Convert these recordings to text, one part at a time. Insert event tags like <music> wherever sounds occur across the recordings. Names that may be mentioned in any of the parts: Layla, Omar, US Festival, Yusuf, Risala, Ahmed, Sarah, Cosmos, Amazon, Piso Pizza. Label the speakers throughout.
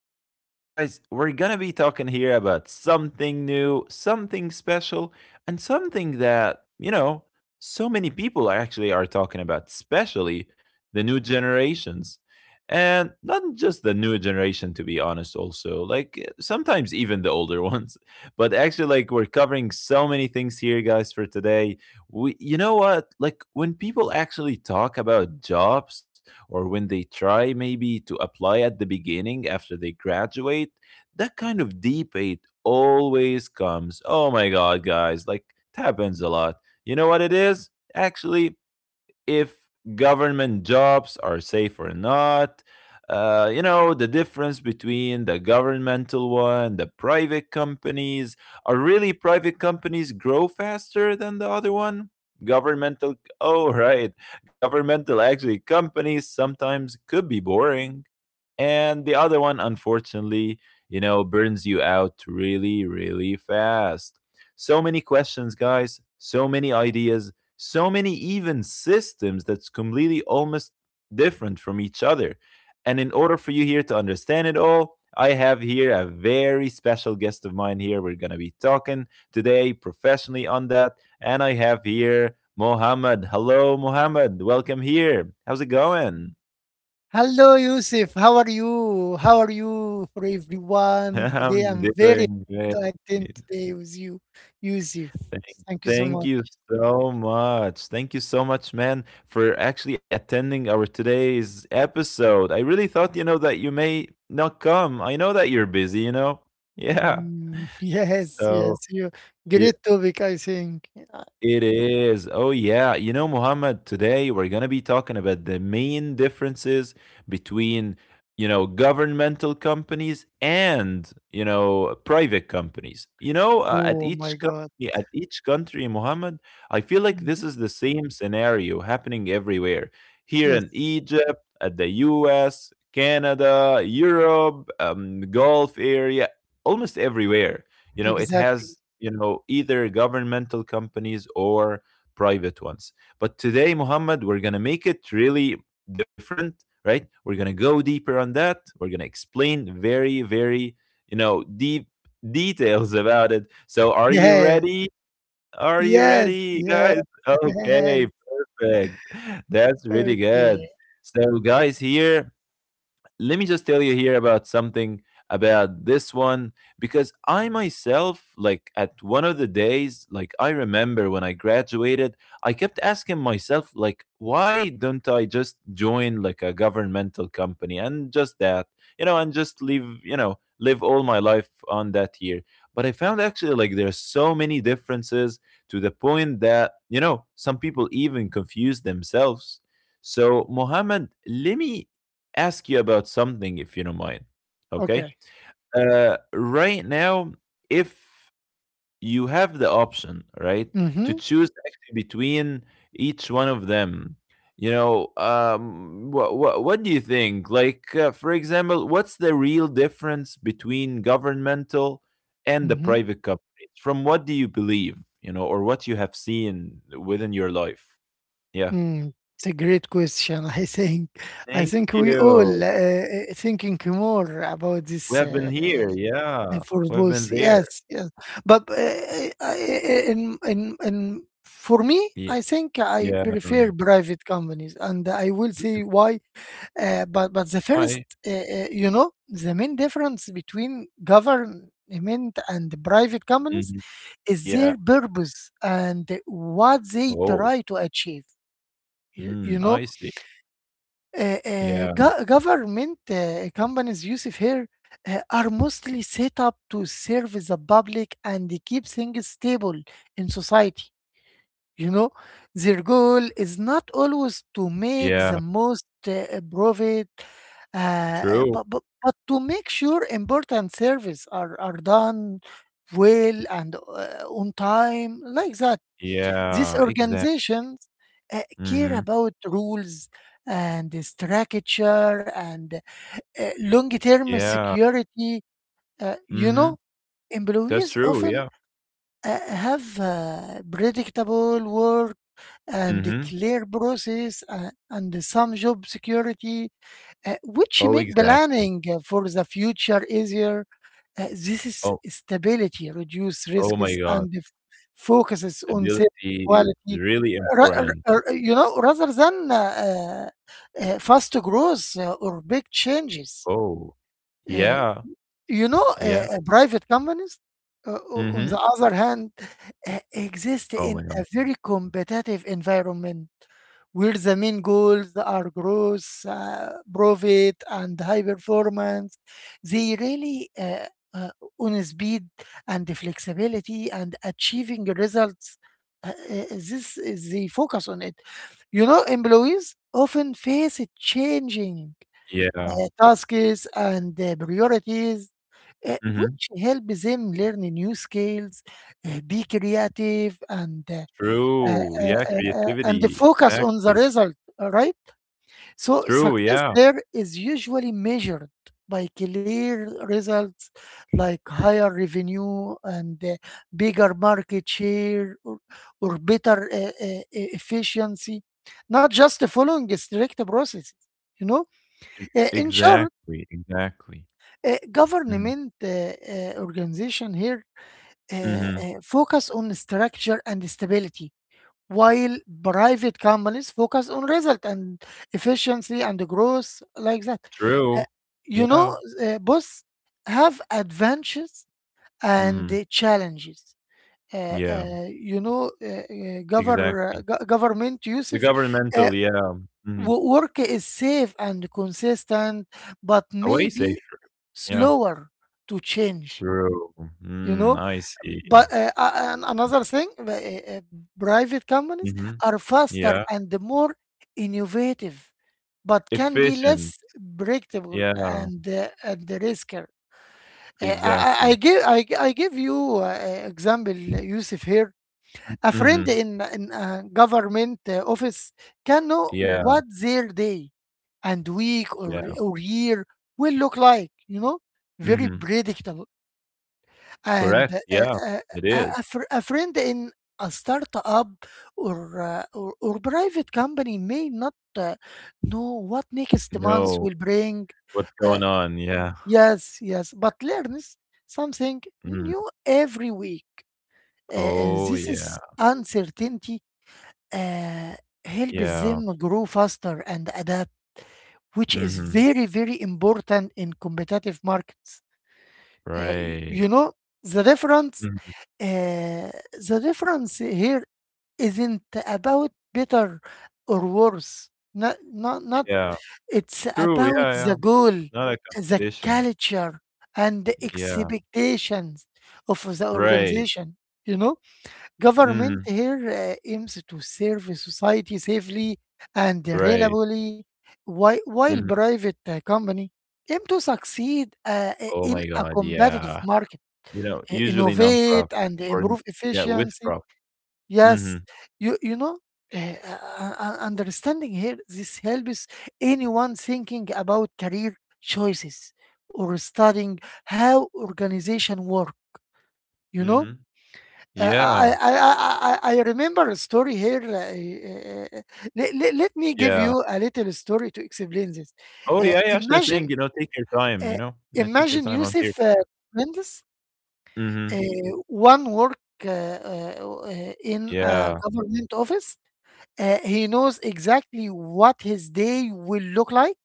Speaker 1: And today, guys, we're gonna be talking here about something new, something special, and something that, so many people are actually are talking about, especially the new generations. And not just the new generation, to be honest, also, like sometimes even the older <laughs> ones. But actually, like, we're covering so many things here, guys, for today we, you know what? Like when people actually talk about jobs or when they try maybe to apply at the beginning after they graduate, that kind of debate always comes. Oh my God, guys, like it happens a lot. You know what it is? Actually, if government jobs are safe or not. You know, the difference between the governmental one, the private companies. Are really private companies grow faster than the other one? Governmental, oh, <laughs> right. Governmental actually companies sometimes could be boring. And the other one, unfortunately, you know, burns you out really, really fast. So many questions, guys, so many ideas, so many even systems that's completely almost different from each other. And in order for you here to understand it all, I have here a very special guest of mine here. We're going to be talking today professionally on that. And I have here Mohammed. Hello, Mohammed. Welcome here. How's it going?
Speaker 2: Hello, Yusuf. How are you? How are you for
Speaker 1: <laughs>
Speaker 2: everyone? Today,
Speaker 1: I'm
Speaker 2: I'm very
Speaker 1: doing
Speaker 2: happy
Speaker 1: great.
Speaker 2: to attend today with you, Yusuf.
Speaker 1: Thank,
Speaker 2: Thank you so
Speaker 1: thank
Speaker 2: much.
Speaker 1: you so much. Thank you so much, man, for actually attending our today's episode. I really thought, you know, that you may not come. I know that you're busy, you know? Yeah.
Speaker 2: <laughs> Yes.
Speaker 1: So,
Speaker 2: You
Speaker 1: yeah.
Speaker 2: great topic, I think.
Speaker 1: It is. Oh, yeah. You know, Muhammad, today we're going to be talking about the main differences between, you know, governmental companies and, you know, private companies. You know, at
Speaker 2: Oh
Speaker 1: each
Speaker 2: my God.
Speaker 1: company, at each country, Muhammad, I feel like this
Speaker 2: Mhm.
Speaker 1: is the same scenario happening everywhere. Here
Speaker 2: Yes,
Speaker 1: in Egypt, at the US, Canada, Europe, Gulf area, almost everywhere, you know, it
Speaker 2: exactly.
Speaker 1: has, you know, either governmental companies or private ones. But today, Muhammad, we're going to make it really different, right? We're going to go deeper on that. We're going to explain very very you know, deep details about it. So are you
Speaker 2: Yeah.
Speaker 1: ready? Are you
Speaker 2: Yes.
Speaker 1: ready,
Speaker 2: Yeah.
Speaker 1: guys?
Speaker 2: <laughs>
Speaker 1: <laughs>
Speaker 2: Yes.
Speaker 1: Okay, perfect. That's really
Speaker 2: Okay.
Speaker 1: good. So guys, here, let me just tell you here about something, about this one, because I myself, like at one of the days, like I remember when I graduated, I kept asking myself, like, why don't I just join like a governmental company and just that, you know, and just live, you know, live all my life on that year. But I found actually like there are so many differences, to the point that, you know, some people even confuse themselves. So, Mohammed, let me ask you about something if you don't mind. Okay.
Speaker 2: Okay.
Speaker 1: Right now, if you have the option, right, to
Speaker 2: Mm-hmm.
Speaker 1: choose actually between each one of them, you know, what do you think? Like, for example, what's the real difference between governmental and the
Speaker 2: Mm-hmm.
Speaker 1: private companies? From what do you believe, you know, or what you have seen within your life? Yeah.
Speaker 2: It's a great question. <laughs> I think,
Speaker 1: Thank
Speaker 2: I think we
Speaker 1: you.
Speaker 2: all thinking more about
Speaker 1: We
Speaker 2: this
Speaker 1: have been here. Yeah.
Speaker 2: for
Speaker 1: We have
Speaker 2: both.
Speaker 1: been there.
Speaker 2: Yes. But I- in For me,
Speaker 1: Yeah.
Speaker 2: I think I
Speaker 1: Yeah.
Speaker 2: prefer private companies, and I will
Speaker 1: Really
Speaker 2: say why. But the first,
Speaker 1: high.
Speaker 2: you know, the main difference between government and private companies
Speaker 1: Mhm.
Speaker 2: is
Speaker 1: Yeah.
Speaker 2: their purpose and what they
Speaker 1: Oh.
Speaker 2: try to achieve. You, you
Speaker 1: Mm,
Speaker 2: know
Speaker 1: I see.
Speaker 2: uh, uh,
Speaker 1: Yeah.
Speaker 2: go- government companies, Yusuf, here are mostly set up to serve the public and keep things stable in society. You know, their goal is not always to make the
Speaker 1: Yeah.
Speaker 2: most profit, uh, uh,
Speaker 1: True.
Speaker 2: but, but, but to make sure important service are done well and on time, like that. These
Speaker 1: Yeah. Exact.
Speaker 2: organizations care
Speaker 1: Mhm.
Speaker 2: about rules and structure and long term
Speaker 1: Yeah.
Speaker 2: security. You
Speaker 1: Mhm.
Speaker 2: know,
Speaker 1: That's
Speaker 2: employees
Speaker 1: true,
Speaker 2: often
Speaker 1: yeah.
Speaker 2: have predictable work and a
Speaker 1: Mhm.
Speaker 2: clear process and some job security,
Speaker 1: Oh,
Speaker 2: which make
Speaker 1: exactly.
Speaker 2: planning for the future easier. This is
Speaker 1: Oh
Speaker 2: stability, reduce
Speaker 1: oh my
Speaker 2: risks,
Speaker 1: god.
Speaker 2: and focuses on safety,
Speaker 1: Stability is
Speaker 2: quality
Speaker 1: really important.
Speaker 2: you know, rather than fast growth or big changes.
Speaker 1: Oh.
Speaker 2: Uh,
Speaker 1: Yeah.
Speaker 2: you know,
Speaker 1: Yeah.
Speaker 2: uh, Private companies, on the
Speaker 1: Mhm.
Speaker 2: other hand, exist
Speaker 1: Oh
Speaker 2: in
Speaker 1: my god.
Speaker 2: a very competitive environment where the main goals are growth, profit, and high performance. They really uh, on speed and flexibility and achieving results. This, they focus on it. You know, employees often face changing
Speaker 1: Yeah.
Speaker 2: tasks and priorities
Speaker 1: Mhm.
Speaker 2: which help them learn new skills, be creative,
Speaker 1: True. Yeah,
Speaker 2: and
Speaker 1: creativity.
Speaker 2: focus on the
Speaker 1: Exactly.
Speaker 2: result. All right. So
Speaker 1: True,
Speaker 2: success
Speaker 1: yeah.
Speaker 2: there is usually measured by clear results like higher revenue and bigger market share, or better efficiency, not just following a strict process. You know,
Speaker 1: E
Speaker 2: In short,
Speaker 1: exactly, exactly. Mhm.
Speaker 2: government organization here
Speaker 1: Mhm.
Speaker 2: focus on structure and stability, while private companies focus on result and efficiency and growth like that. Uh,
Speaker 1: True.
Speaker 2: you
Speaker 1: Yeah.
Speaker 2: know, both have advantages and
Speaker 1: Mhm.
Speaker 2: challenges.
Speaker 1: Yeah.
Speaker 2: You know, govern,
Speaker 1: Exactly.
Speaker 2: go- Government,
Speaker 1: The
Speaker 2: Yusuf, uh,
Speaker 1: governmental, yeah. Mhm.
Speaker 2: work is safe and consistent, but
Speaker 1: Away safe.
Speaker 2: maybe
Speaker 1: Yeah.
Speaker 2: slower to change,
Speaker 1: True.
Speaker 2: you
Speaker 1: Mm,
Speaker 2: know,
Speaker 1: I see.
Speaker 2: but and another thing, private companies
Speaker 1: Mhm.
Speaker 2: are faster
Speaker 1: Yeah.
Speaker 2: and more innovative but can be
Speaker 1: Efficient.
Speaker 2: less predictable
Speaker 1: Yeah.
Speaker 2: and the riskier. Uh, I, I I
Speaker 1: Exactly.
Speaker 2: give I, gi- I give you example, Yusuf, here.
Speaker 1: M
Speaker 2: A friend
Speaker 1: mhm.
Speaker 2: in a government office can know
Speaker 1: Yeah,
Speaker 2: what their day and week or
Speaker 1: yeah.
Speaker 2: or year will look like. You know, very
Speaker 1: Mhm.
Speaker 2: predictable. And
Speaker 1: Correct. Yeah. It
Speaker 2: A
Speaker 1: is.
Speaker 2: a friend in a startup or private company may not know what next month
Speaker 1: No.
Speaker 2: will bring.
Speaker 1: What's
Speaker 2: Uh,
Speaker 1: going on? Yeah.
Speaker 2: yes, but learns something
Speaker 1: Mm.
Speaker 2: new every week. Uh, uh,
Speaker 1: Oh,
Speaker 2: this is
Speaker 1: yeah.
Speaker 2: uncertainty, uh, helps
Speaker 1: Yeah.
Speaker 2: them grow faster and adapt, which is
Speaker 1: Mhm.
Speaker 2: very, very important in competitive markets. You
Speaker 1: Right.
Speaker 2: know, the difference,
Speaker 1: Mhm.
Speaker 2: uh, the difference here isn't about better or worse. Not, not, not.
Speaker 1: Yeah.
Speaker 2: It's
Speaker 1: True. Yeah,
Speaker 2: about
Speaker 1: yeah.
Speaker 2: the goal,
Speaker 1: Not a
Speaker 2: the
Speaker 1: competition.
Speaker 2: culture, and the
Speaker 1: Yeah.
Speaker 2: expectations of the
Speaker 1: Right.
Speaker 2: organization. You know, government
Speaker 1: Mhm.
Speaker 2: here aims to serve society safely and
Speaker 1: Right.
Speaker 2: reliably, while
Speaker 1: Mhm.
Speaker 2: private company aim to succeed
Speaker 1: Oh
Speaker 2: in
Speaker 1: my
Speaker 2: a
Speaker 1: god,
Speaker 2: competitive
Speaker 1: yeah.
Speaker 2: market,
Speaker 1: You know, usually
Speaker 2: innovate
Speaker 1: non-profit,
Speaker 2: and
Speaker 1: or n,
Speaker 2: improve
Speaker 1: yeah, with
Speaker 2: efficiency.
Speaker 1: profit.
Speaker 2: Yes,
Speaker 1: Mhm.
Speaker 2: you know, understanding here this helps anyone thinking about career choices or studying how organization work. You know,
Speaker 1: Mhm.
Speaker 2: Uh, I
Speaker 1: Yeah.
Speaker 2: I I I remember a story here. Let me give you
Speaker 1: Yeah.
Speaker 2: a little story to explain this.
Speaker 1: Oh,
Speaker 2: Uh,
Speaker 1: yeah, yeah, sure
Speaker 2: imagine
Speaker 1: thing, you know, take your time,
Speaker 2: uh,
Speaker 1: you know? No, take your
Speaker 2: imagine
Speaker 1: time, I'm
Speaker 2: Yusuf
Speaker 1: here for you.
Speaker 2: Mendes Uh,
Speaker 1: Mhm.
Speaker 2: one work in a
Speaker 1: Yeah.
Speaker 2: government office. He knows exactly what his day will look like.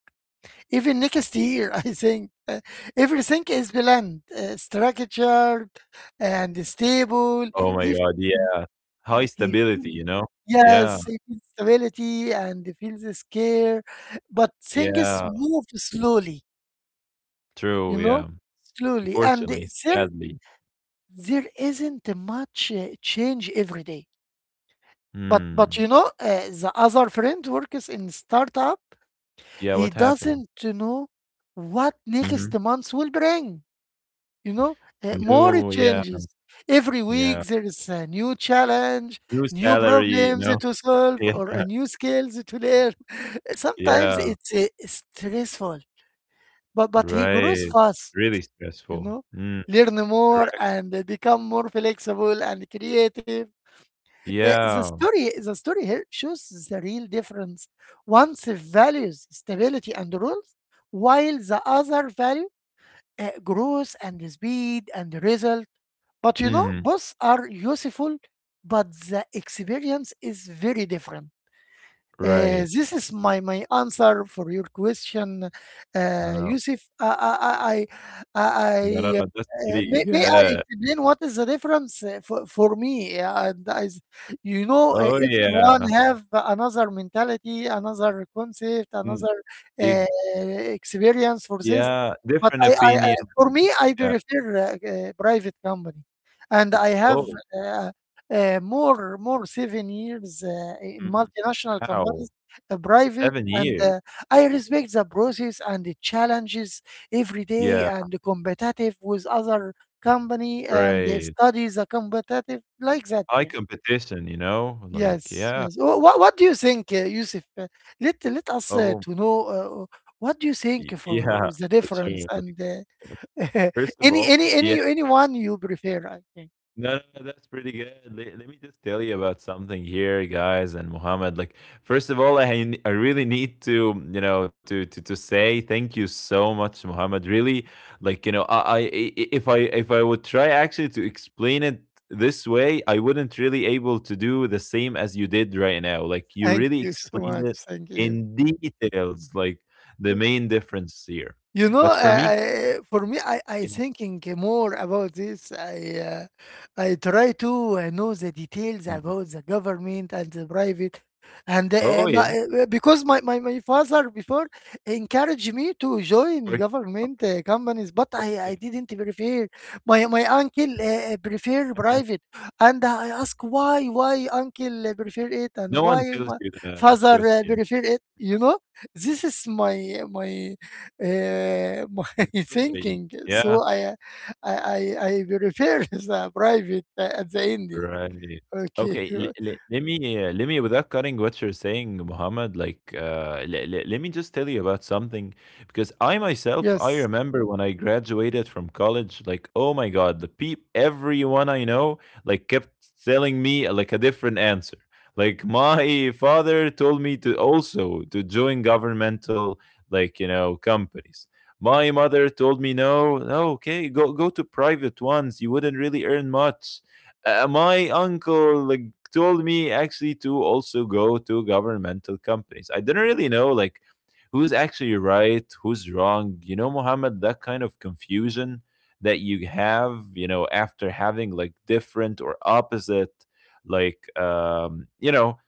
Speaker 2: Even next year, <laughs> I think everything is planned, structured, and stable.
Speaker 1: Oh my
Speaker 2: He
Speaker 1: god,
Speaker 2: feels-
Speaker 1: yeah. High
Speaker 2: he feels-
Speaker 1: stability, you know? Yeah.
Speaker 2: yes, he feels stability and he feels scare, but things
Speaker 1: Yeah.
Speaker 2: move slowly.
Speaker 1: True,
Speaker 2: You know,
Speaker 1: yeah.
Speaker 2: slowly, and
Speaker 1: Unfortunately,
Speaker 2: there
Speaker 1: sadly.
Speaker 2: there isn't much change every day. But,
Speaker 1: Hmm.
Speaker 2: you know, the other friend works in startup.
Speaker 1: Yeah, what
Speaker 2: He
Speaker 1: happened?
Speaker 2: doesn't know what
Speaker 1: Mhm.
Speaker 2: next month will bring. You know, more
Speaker 1: No, yeah.
Speaker 2: changes every
Speaker 1: Yeah.
Speaker 2: week. There is a new challenge,
Speaker 1: New
Speaker 2: new
Speaker 1: salary, you
Speaker 2: problems
Speaker 1: know?
Speaker 2: to
Speaker 1: <laughs>
Speaker 2: solve,
Speaker 1: Yeah,
Speaker 2: or a new skills to learn. <laughs> Sometimes
Speaker 1: yeah,
Speaker 2: it's stressful, but he grows
Speaker 1: right.
Speaker 2: fast.
Speaker 1: Really
Speaker 2: You
Speaker 1: stressful.
Speaker 2: know,
Speaker 1: Mm,
Speaker 2: learn more
Speaker 1: correct.
Speaker 2: and become more flexible and creative. Uh, the
Speaker 1: Yeah.
Speaker 2: story the story here shows the real difference. One values stability and rules, while the other value growth and speed and result. But you know,
Speaker 1: Mhm,
Speaker 2: both are useful, but the experience is very different. Uh,
Speaker 1: right.
Speaker 2: this is my answer for your question,
Speaker 1: No, no.
Speaker 2: Yusuf.
Speaker 1: No, no,
Speaker 2: I,
Speaker 1: no, that's pretty
Speaker 2: may I
Speaker 1: good.
Speaker 2: explain what is the difference, for me? You know,
Speaker 1: Oh,
Speaker 2: everyone
Speaker 1: yeah.
Speaker 2: have another mentality, another concept,
Speaker 1: Mm,
Speaker 2: another
Speaker 1: ig,
Speaker 2: uh, experience for this.
Speaker 1: yeah,
Speaker 2: But
Speaker 1: different
Speaker 2: I
Speaker 1: opinion.
Speaker 2: for me, I
Speaker 1: Yeah.
Speaker 2: prefer private company, and I have
Speaker 1: Oh,
Speaker 2: uh, more souvenirs in
Speaker 1: mhm,
Speaker 2: multinational companies,
Speaker 1: wow.
Speaker 2: private,
Speaker 1: 7
Speaker 2: and
Speaker 1: years.
Speaker 2: uh, I respect the process and the challenges every day
Speaker 1: Yeah,
Speaker 2: and competitive with other company and they
Speaker 1: right.
Speaker 2: study the competitive like that.
Speaker 1: High
Speaker 2: Yeah.
Speaker 1: competition, you know? Like,
Speaker 2: Yes,
Speaker 1: yeah.
Speaker 2: yes. What do you think, Yusuf? Let us
Speaker 1: Oh,
Speaker 2: to know what do you
Speaker 1: y,
Speaker 2: think
Speaker 1: yeah,
Speaker 2: for the
Speaker 1: <laughs> for sure.
Speaker 2: difference
Speaker 1: Like,
Speaker 2: and
Speaker 1: <laughs>
Speaker 2: <laughs>
Speaker 1: first of all, yeah.
Speaker 2: anyone you prefer, I think.
Speaker 1: No, no, no, that's pretty good. Let me just tell you about something here, guys, and Mohammed. Like, first of all, I really need to, you know, to say thank you so much, Mohammed. Really, like, you know, if I, if I would try actually to explain it this way, I wouldn't really able to do the same as you did right now. Like, you
Speaker 2: Thank
Speaker 1: really
Speaker 2: you so
Speaker 1: explained
Speaker 2: much.
Speaker 1: it
Speaker 2: Thank you.
Speaker 1: in details, like the main difference here.
Speaker 2: You know,
Speaker 1: But for
Speaker 2: I,
Speaker 1: me,
Speaker 2: I, for me, I
Speaker 1: yeah,
Speaker 2: thinking more about this. I try to know the details
Speaker 1: yeah.
Speaker 2: about the government and the private, and
Speaker 1: Oh
Speaker 2: uh,
Speaker 1: yeah.
Speaker 2: my, uh, because my, my, my father before encouraged me to join
Speaker 1: Work-
Speaker 2: government companies, but
Speaker 1: Oh,
Speaker 2: I,
Speaker 1: yeah.
Speaker 2: I didn't prefer. My uncle prefer
Speaker 1: <laughs>
Speaker 2: private, and I ask why uncle prefer it and
Speaker 1: No
Speaker 2: why
Speaker 1: one tells
Speaker 2: my
Speaker 1: you the
Speaker 2: father
Speaker 1: truth in
Speaker 2: prefer it. You know, this is my <laughs> my
Speaker 1: the story.
Speaker 2: thinking.
Speaker 1: Yeah.
Speaker 2: So I, I, I, I prefer <laughs> the private at the end.
Speaker 1: Right.
Speaker 2: Okay.
Speaker 1: Okay. Let me, without cutting what you're saying, Muhammad, like, le le let me just tell you about something because I
Speaker 2: <laughs>
Speaker 1: myself, I
Speaker 2: Yes.
Speaker 1: remember when I graduated from college, like, oh my God, everyone I know, like, kept telling me like a different answer. Like, my father told me to also to join governmental, like, you know, companies. My mother told me no, no, okay, go go to private ones. You wouldn't really earn much my uncle like told me actually to also go to governmental companies. I didn't really know like who's actually right, who's wrong. You know, Muhammad, that kind of confusion that you have, you know, after having like different or opposite like you know,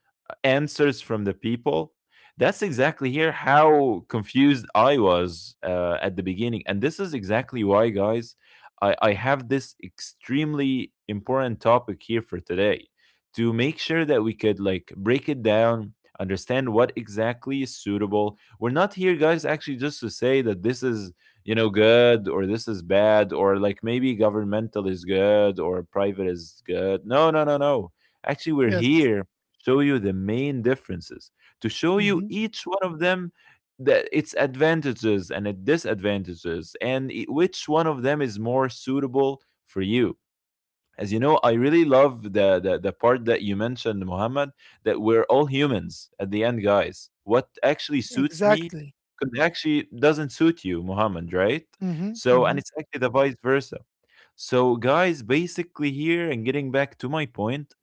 Speaker 1: answers from the people. That's exactly here how confused I was at the beginning. And this is exactly why, guys, I have this extremely important topic here for today to make sure that we could like break it down, understand what exactly is suitable. We're not here, guys, actually just to say that this is, you know, good or this is bad or like maybe governmental is good or private is good. No, no, no, no. Actually, we're
Speaker 2: Yes.
Speaker 1: here to show you the main differences, to show you
Speaker 2: Hmm.
Speaker 1: each one of them the its advantages and its disadvantages, and which one of them is more suitable for you. As you know, I really love the part that you mentioned, Muhammad, that we're all humans at the end. Guys, what actually suits me
Speaker 2: Exactly.
Speaker 1: could actually doesn't suit you, Muhammad, right?
Speaker 2: hmm
Speaker 1: So, and
Speaker 2: hmm
Speaker 1: it's actually the vice versa. So guys, basically here, and getting back to my point,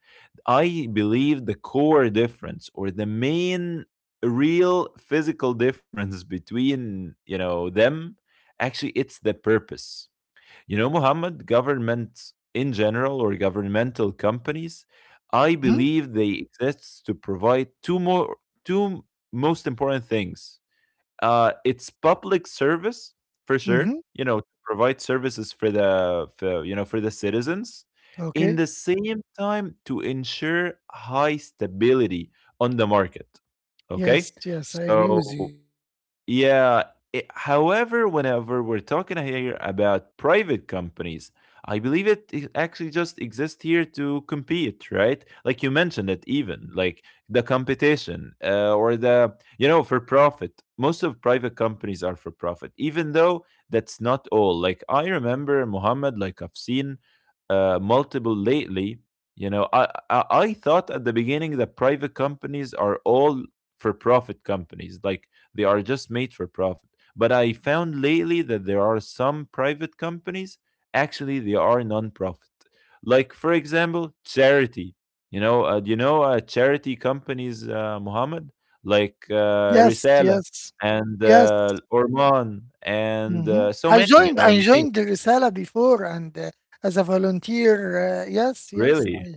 Speaker 1: I believe the core difference, or the main real physical <laughs> difference between, you know, them, actually it's the purpose. You know, Muhammad, government in general or governmental companies, I
Speaker 2: hmm
Speaker 1: believe they exist to provide two most important things. It's public service for sure,
Speaker 2: hmm
Speaker 1: you know, provide services for the, for, you know, for the citizens. In
Speaker 2: Okay.
Speaker 1: the same time, to ensure high stability on the market.
Speaker 2: Yes.
Speaker 1: Okay?
Speaker 2: Yes. I agree with you.
Speaker 1: So yeah. However, whenever we're talking here about private companies, I believe actually just exists here to compete, right? Like you mentioned it, even like the competition or the, you know, for profit. Most of private companies are for profit, even though that's not all. Like I remember Muhammad, like I've seen multiple lately. You know, I thought at the beginning that private companies are all for profit companies, like they are just made for profit. But I found lately that there are some private companies, actually, they are non-profit. Like, for example, charity. You know, do you know charity companies, Muhammad? Like
Speaker 2: Yes.
Speaker 1: Risala
Speaker 2: Yes.
Speaker 1: and
Speaker 2: Yes.
Speaker 1: Orman and
Speaker 2: Hmm.
Speaker 1: so
Speaker 2: I
Speaker 1: many, you
Speaker 2: joined.
Speaker 1: know,
Speaker 2: I
Speaker 1: the name.
Speaker 2: joined the Risala before, and as a volunteer. Yes. Yes.
Speaker 1: Really.
Speaker 2: I.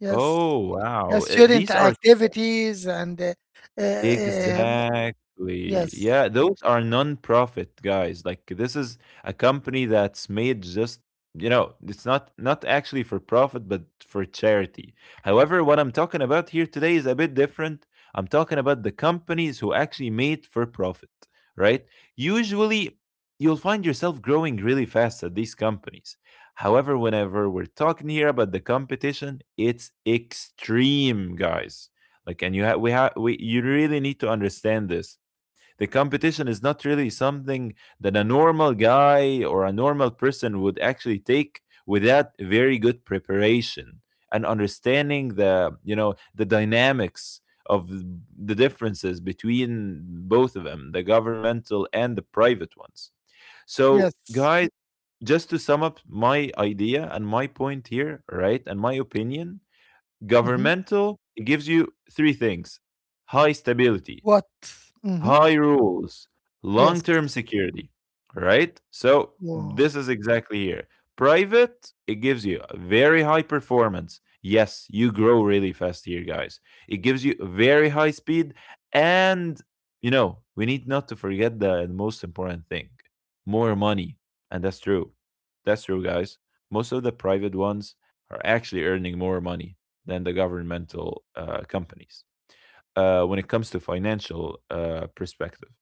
Speaker 2: Yes.
Speaker 1: Oh, wow.
Speaker 2: Yes. Student
Speaker 1: These are
Speaker 2: activities and uh,
Speaker 1: exactly.
Speaker 2: yes,
Speaker 1: Yeah, those are non-profit, guys. Like this is a company that's made just, you know, it's not, not actually for profit but for charity. However, what I'm talking about here today is a bit different. I'm talking about the companies who actually made for profit, right? Usually you'll find yourself growing really fast at these companies. However, whenever we're talking here about the competition, it's extreme, guys, like, and you have, we have, we, you really need to understand this. The competition is not really something that a normal guy or a normal person would actually take without very good preparation and understanding the, you know, the dynamics of the differences between both of them, the governmental and the private ones. So,
Speaker 2: yes.
Speaker 1: guys, just to sum up my idea and my point here, right, and my opinion,
Speaker 2: Mhm.
Speaker 1: governmental, it gives you three things: high stability,
Speaker 2: What? Mhm.
Speaker 1: high rules, long
Speaker 2: Yes.
Speaker 1: term security, right? So, this
Speaker 2: Wow.
Speaker 1: is exactly here. Private, it gives you a very high performance. Yes, you grow really fast here, guys. It gives you very high speed. And, you know, we need not to forget the most important thing, more money. And that's true. That's true, guys. Most of the private ones are actually earning more money than the governmental companies when it comes to financial perspective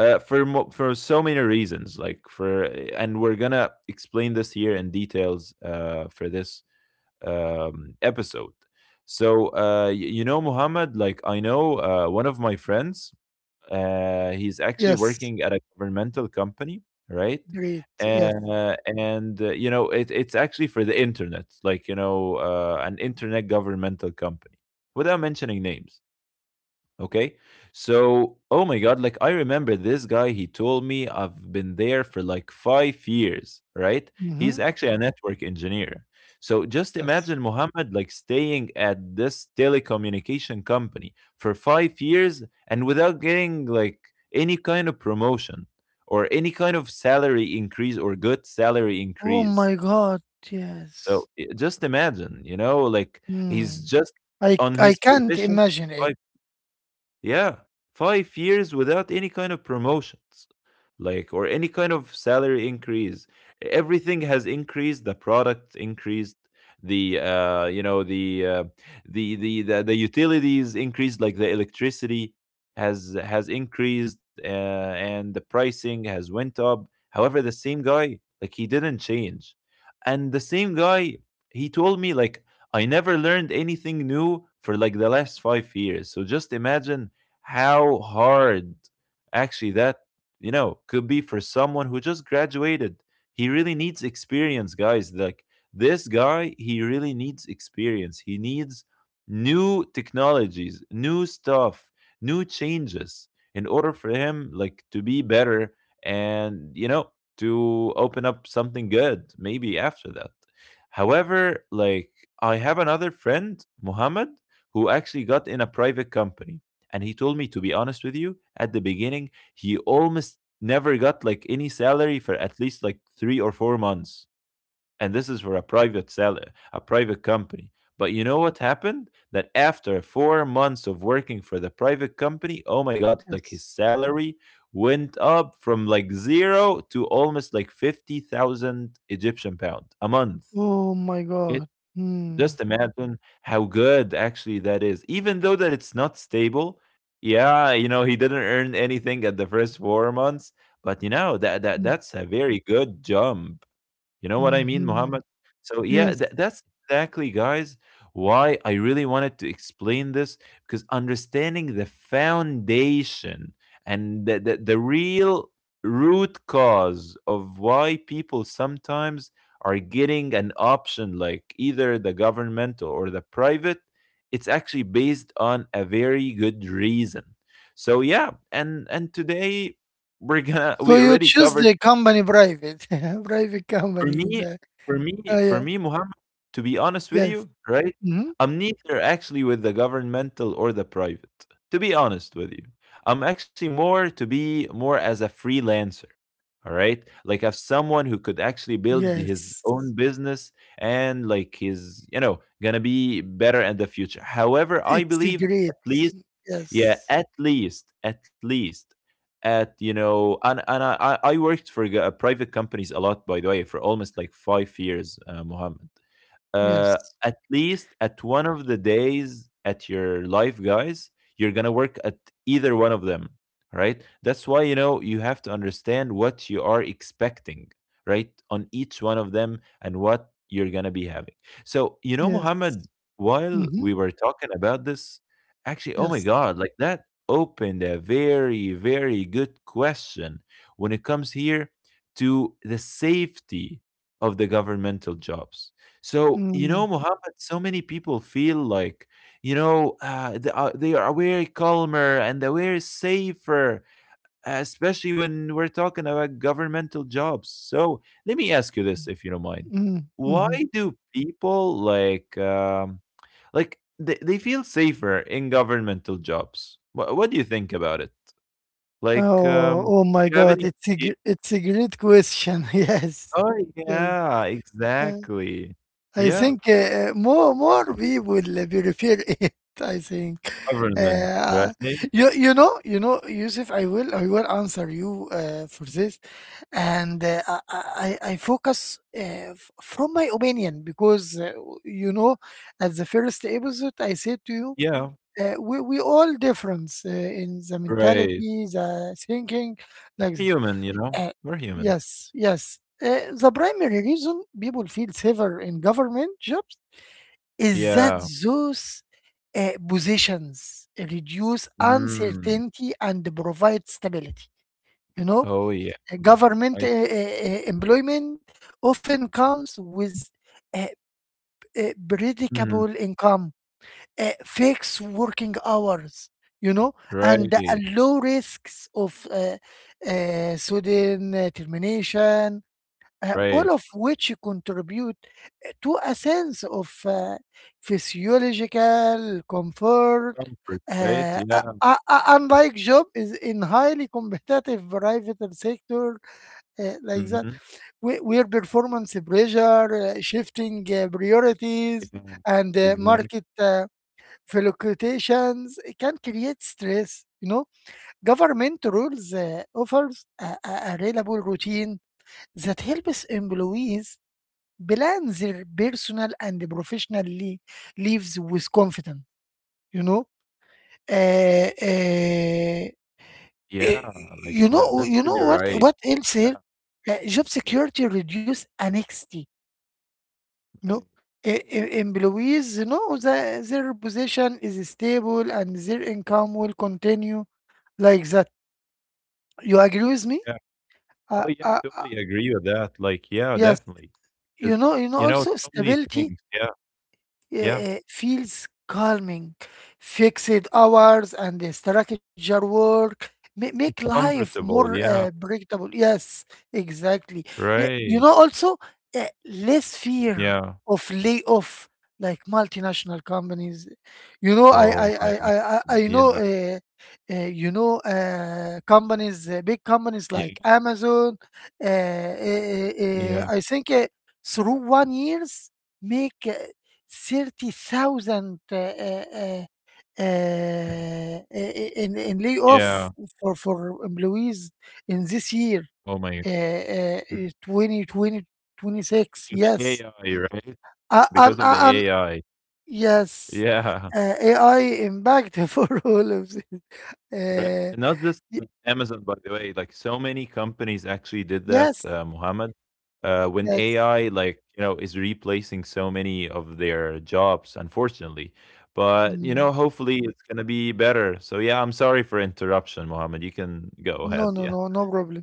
Speaker 1: for so many reasons, like for, and we're gonna explain this here in details for this episode. So you know, Muhammad, like I know one of my friends. He's actually
Speaker 2: Yes.
Speaker 1: working at a governmental company, right,
Speaker 2: Great. Yes.
Speaker 1: and you know it's actually for the internet, like, you know, an internet governmental company, without mentioning names. Okay. So, oh my God, like I remember this guy, he told me I've been there for like 5 years, right? He's
Speaker 2: Mhm.
Speaker 1: actually a network engineer. So just
Speaker 2: Yes.
Speaker 1: imagine, Muhammad, like staying at this telecommunication company for 5 years and without getting like any kind of promotion or any kind of salary increase or good salary
Speaker 2: Oh
Speaker 1: increase.
Speaker 2: my God.
Speaker 1: So
Speaker 2: Yes.
Speaker 1: just imagine, you know, like he's
Speaker 2: Mm.
Speaker 1: just on
Speaker 2: I
Speaker 1: his
Speaker 2: can't
Speaker 1: position
Speaker 2: imagine it.
Speaker 1: for, yeah, 5 years without any kind of promotions like or any kind of salary increase. Everything has increased, the product increased, the you know the utilities increased, like the electricity has increased, and the pricing has went up. However, the same guy, like he didn't change. And the same guy, he told me, like, I never learned anything new for like the last 5 years. So just imagine how hard actually that, you know, could be for someone who just graduated. He really needs experience, guys. Like this guy, he really needs experience. He needs new technologies, new stuff, new changes in order for him like to be better and, you know, to open up something good maybe after that. However, like, I have another friend, Mohammed, who actually got in a private company, and he told me, to be honest with you, at the beginning he almost never got like any salary for at least like 3 or 4 months. And this is for a private seller, a private company. But you know what happened? That after
Speaker 2: Mhm.
Speaker 1: 4 months of working for the private company, oh my God, like
Speaker 2: Yes.
Speaker 1: his salary went up from like zero to almost like 50,000 Egyptian pound a month.
Speaker 2: Oh my God.
Speaker 1: It,
Speaker 2: Mm.
Speaker 1: just imagine how good actually that is. Even though that it's not stable, yeah, you know, he didn't earn anything at the first 4 months, but you know that that
Speaker 2: Mm.
Speaker 1: that's a very good jump, you know what I mean,
Speaker 2: Mhm.
Speaker 1: Muhammad? So
Speaker 2: Yes.
Speaker 1: yeah, that's exactly, guys, why I really wanted to explain this, because understanding the foundation and the real root cause of why people sometimes are getting an option like either the governmental or the private, it's actually based on a very good reason. So yeah, and today we
Speaker 2: So
Speaker 1: already
Speaker 2: you
Speaker 1: covered,
Speaker 2: choose the company private, <laughs> private
Speaker 1: for
Speaker 2: company in
Speaker 1: me
Speaker 2: the. Oh
Speaker 1: for
Speaker 2: yeah.
Speaker 1: me, Muhammad, to be honest with
Speaker 2: Yes.
Speaker 1: you, right?
Speaker 2: Mhm.
Speaker 1: I'm neither actually with the governmental or the private. To be honest with you, I'm actually more to be, more as a freelancer. All right, like as someone who could actually build his
Speaker 2: Yes.
Speaker 1: own business and like his, you know, gonna be better in the future. However, I
Speaker 2: It's a
Speaker 1: believe
Speaker 2: great.
Speaker 1: at least, yeah,
Speaker 2: Yes.
Speaker 1: at least at least at you know, and I worked for private companies a lot, by the way, for almost like 5 years, Mohammed.
Speaker 2: Yes.
Speaker 1: At least at one of the days at your life, guys, you're gonna work at either one of them, right? That's why, you know, you have to understand what you are expecting, right, on each one of them and what you're gonna be having. So, you know,
Speaker 2: Yes.
Speaker 1: Muhammad, while
Speaker 2: Mhm.
Speaker 1: we were talking about this, actually, oh my
Speaker 2: Yes.
Speaker 1: God, like that opened a very, very good question when it comes here to the safety of the governmental jobs. So, you
Speaker 2: Mm.
Speaker 1: know, Muhammad, so many people feel like, you know, they are way calmer and they are safer, especially when we're talking about governmental jobs. So, let me ask you this, if you don't mind.
Speaker 2: Mm.
Speaker 1: Why
Speaker 2: Mhm.
Speaker 1: do people like, they feel safer in governmental jobs? What do you think about it? Like,
Speaker 2: Oh, oh my
Speaker 1: do you have
Speaker 2: God.
Speaker 1: any
Speaker 2: It's a
Speaker 1: idea?
Speaker 2: great question. <laughs> Yes.
Speaker 1: Oh,
Speaker 2: Yes.
Speaker 1: yeah,
Speaker 2: Uh,
Speaker 1: exactly.
Speaker 2: I
Speaker 1: Yeah,
Speaker 2: think more people will prefer it, <laughs> I think.
Speaker 1: government, right?
Speaker 2: Uh, you know, Yusuf, I will answer you for this. And I focus from my opinion, because you know, at the first episode I said to you
Speaker 1: Yeah.
Speaker 2: we all difference in the
Speaker 1: Right.
Speaker 2: mentality, the thinking, like
Speaker 1: Human, you know?
Speaker 2: that. Uh,
Speaker 1: We're human.
Speaker 2: yes. The primary reason people feel safer in government jobs is that
Speaker 1: Yeah.
Speaker 2: those positions reduce
Speaker 1: Mm.
Speaker 2: uncertainty and provide stability. You know,
Speaker 1: Oh, yeah.
Speaker 2: uh,
Speaker 1: Mm.
Speaker 2: government
Speaker 1: I
Speaker 2: uh,
Speaker 1: s
Speaker 2: uh, uh, employment often comes with a
Speaker 1: Mhm.
Speaker 2: predictable income, fix working hours, you know, and the
Speaker 1: Right,
Speaker 2: low risks of sudden termination,
Speaker 1: right.
Speaker 2: all of which contribute to a sense of physiological comfort.
Speaker 1: Comfort, right? Yeah.
Speaker 2: Unlike job is in highly competitive private sector like that,
Speaker 1: Mhm.
Speaker 2: where performance pressure, shifting priorities,
Speaker 1: Yeah.
Speaker 2: and
Speaker 1: Exactly.
Speaker 2: market fluctuations can create stress. You know, government rules offers a reliable routine that helps employees plan their personal and professional lives with confidence. You know, uh, uh, uh,
Speaker 1: Yeah, like,
Speaker 2: you know,
Speaker 1: that's
Speaker 2: you know
Speaker 1: really right.
Speaker 2: what else here?
Speaker 1: Yeah,
Speaker 2: Job security reduce anxiety. You know,
Speaker 1: right.
Speaker 2: Employees know that their position is stable and their income will continue, like that. You agree with me?
Speaker 1: Yeah.
Speaker 2: Uh,
Speaker 1: Oh, yeah,
Speaker 2: uh, uh,
Speaker 1: totally agree with that. Like, yeah,
Speaker 2: yes.
Speaker 1: definitely. Because,
Speaker 2: You know, you know.
Speaker 1: you know,
Speaker 2: Also,
Speaker 1: so many
Speaker 2: stability
Speaker 1: things. Yeah, yeah.
Speaker 2: feels calming. Fixed hours and the structure work make
Speaker 1: And
Speaker 2: life
Speaker 1: comfortable.
Speaker 2: more
Speaker 1: Yeah,
Speaker 2: predictable. Yes, exactly. You
Speaker 1: right.
Speaker 2: know, also less fear
Speaker 1: Yeah.
Speaker 2: of layoff, like multinational companies. You know,
Speaker 1: Oh
Speaker 2: I I
Speaker 1: my god.
Speaker 2: I I, I I
Speaker 1: Yeah,
Speaker 2: know. You know, companies, big
Speaker 1: yeah,
Speaker 2: companies like Amazon.
Speaker 1: yeah.
Speaker 2: I think through one years make 30,000
Speaker 1: <clears throat>
Speaker 2: in layoff
Speaker 1: Yeah.
Speaker 2: for employees in this year,
Speaker 1: Oh my
Speaker 2: uh, uh,
Speaker 1: God.
Speaker 2: 2020 twenty
Speaker 1: Because of
Speaker 2: six.
Speaker 1: the
Speaker 2: Yes.
Speaker 1: AI, right?
Speaker 2: Uh,
Speaker 1: Because of
Speaker 2: and,
Speaker 1: the
Speaker 2: uh, and
Speaker 1: AI.
Speaker 2: yes.
Speaker 1: Yeah,
Speaker 2: AI impact <laughs> for all of this.
Speaker 1: <laughs> correct.
Speaker 2: Uh,
Speaker 1: And not just
Speaker 2: y-
Speaker 1: Amazon, by the way. Like, so many companies actually did that,
Speaker 2: yes.
Speaker 1: Muhammad. When
Speaker 2: Yes.
Speaker 1: AI, like, you know, is replacing so many of their jobs, unfortunately. But you know,
Speaker 2: Mm.
Speaker 1: hopefully, it's gonna be better. So yeah, I'm sorry for interruption, Muhammad. You can go
Speaker 2: No,
Speaker 1: ahead.
Speaker 2: no,
Speaker 1: Yeah,
Speaker 2: no, no problem.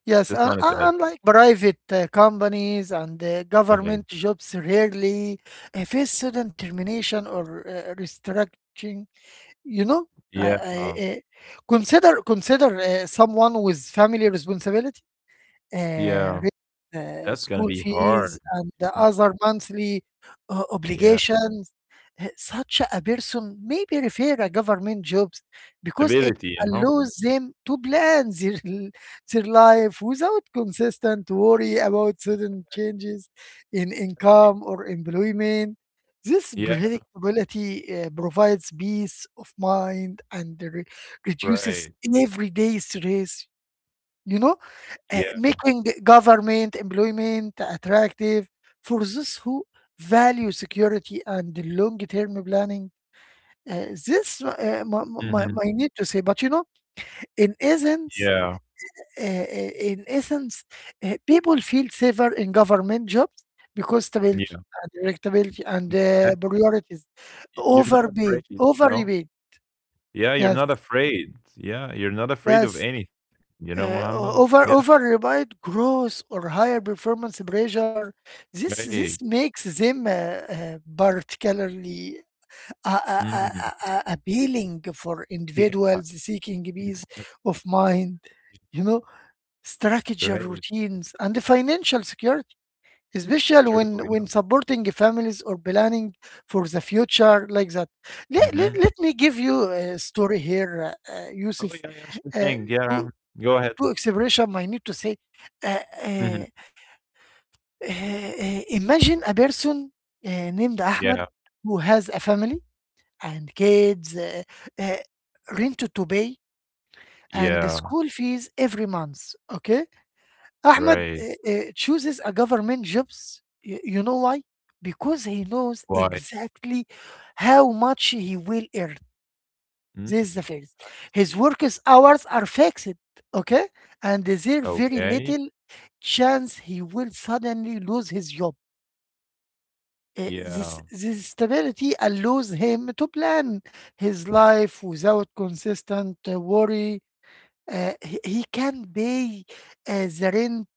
Speaker 2: Yes,
Speaker 1: just wanted to add.
Speaker 2: unlike private companies and
Speaker 1: Okay.
Speaker 2: government jobs rarely face sudden termination or restructuring, you know? Uh,
Speaker 1: Yeah,
Speaker 2: uh, uh, consider someone with family responsibility,
Speaker 1: yeah,
Speaker 2: rent,
Speaker 1: that's gonna
Speaker 2: school
Speaker 1: be hard.
Speaker 2: fees, and the other monthly
Speaker 1: Yeah,
Speaker 2: obligations. Such a person may be refer a government jobs because it
Speaker 1: stability, you know.
Speaker 2: allows them to plan their, <laughs> their life without consistent worry about sudden changes in
Speaker 1: Right.
Speaker 2: income or employment. This
Speaker 1: Yeah,
Speaker 2: predictability provides peace of mind and
Speaker 1: right.
Speaker 2: reduces everyday stress, you know?
Speaker 1: Yeah.
Speaker 2: Making government employment attractive for those who value security and long-term planning. This my, my,
Speaker 1: Mhm.
Speaker 2: my need to say, but you know, in essence,
Speaker 1: Yeah.
Speaker 2: uh, uh, in essence, people feel safer in government jobs because stability
Speaker 1: Yeah.
Speaker 2: and predictability and
Speaker 1: Exact
Speaker 2: priorities
Speaker 1: You're not
Speaker 2: overpaid,
Speaker 1: afraid, you
Speaker 2: overly
Speaker 1: know?
Speaker 2: paid.
Speaker 1: Yeah, you're
Speaker 2: Yes,
Speaker 1: not afraid. Yeah, you're not afraid of
Speaker 2: yes,
Speaker 1: anything, you know,
Speaker 2: uh,
Speaker 1: Muhammad? Yeah,
Speaker 2: over relied growth or higher performance pressure. This
Speaker 1: right.
Speaker 2: makes them particularly
Speaker 1: Mm.
Speaker 2: appealing for
Speaker 1: Yeah,
Speaker 2: individuals seeking peace
Speaker 1: exactly.
Speaker 2: of mind, you know, structure
Speaker 1: Right. Yeah,
Speaker 2: routines and financial security, especially
Speaker 1: true,
Speaker 2: when
Speaker 1: you
Speaker 2: when
Speaker 1: know?
Speaker 2: supporting families or planning for the future like that. Let, let,
Speaker 1: Mhm.
Speaker 2: let me give you a story here,
Speaker 1: Oh,
Speaker 2: Yusuf.
Speaker 1: yeah, yeah, sure
Speaker 2: Uh,
Speaker 1: thing.
Speaker 2: to
Speaker 1: Yeah. Go ahead.
Speaker 2: to expression I need to say. Uh, uh,
Speaker 1: Mhm.
Speaker 2: Imagine a person named Ahmed
Speaker 1: Yeah.
Speaker 2: who has a family and kids, uh, rent to pay, and the
Speaker 1: Yeah.
Speaker 2: school fees every month. Okay, Ahmed
Speaker 1: Right.
Speaker 2: chooses a government jobs. You know why? Because he knows
Speaker 1: Why?
Speaker 2: exactly how much he will earn.
Speaker 1: Mm.
Speaker 2: This is the first.
Speaker 1: I
Speaker 2: His
Speaker 1: see.
Speaker 2: hours are fixed, okay? And there's very
Speaker 1: Okay.
Speaker 2: little chance he will suddenly lose his job. Eh, This,
Speaker 1: Yeah.
Speaker 2: this stability allows him to plan his life without consistent worry. He can pay the rent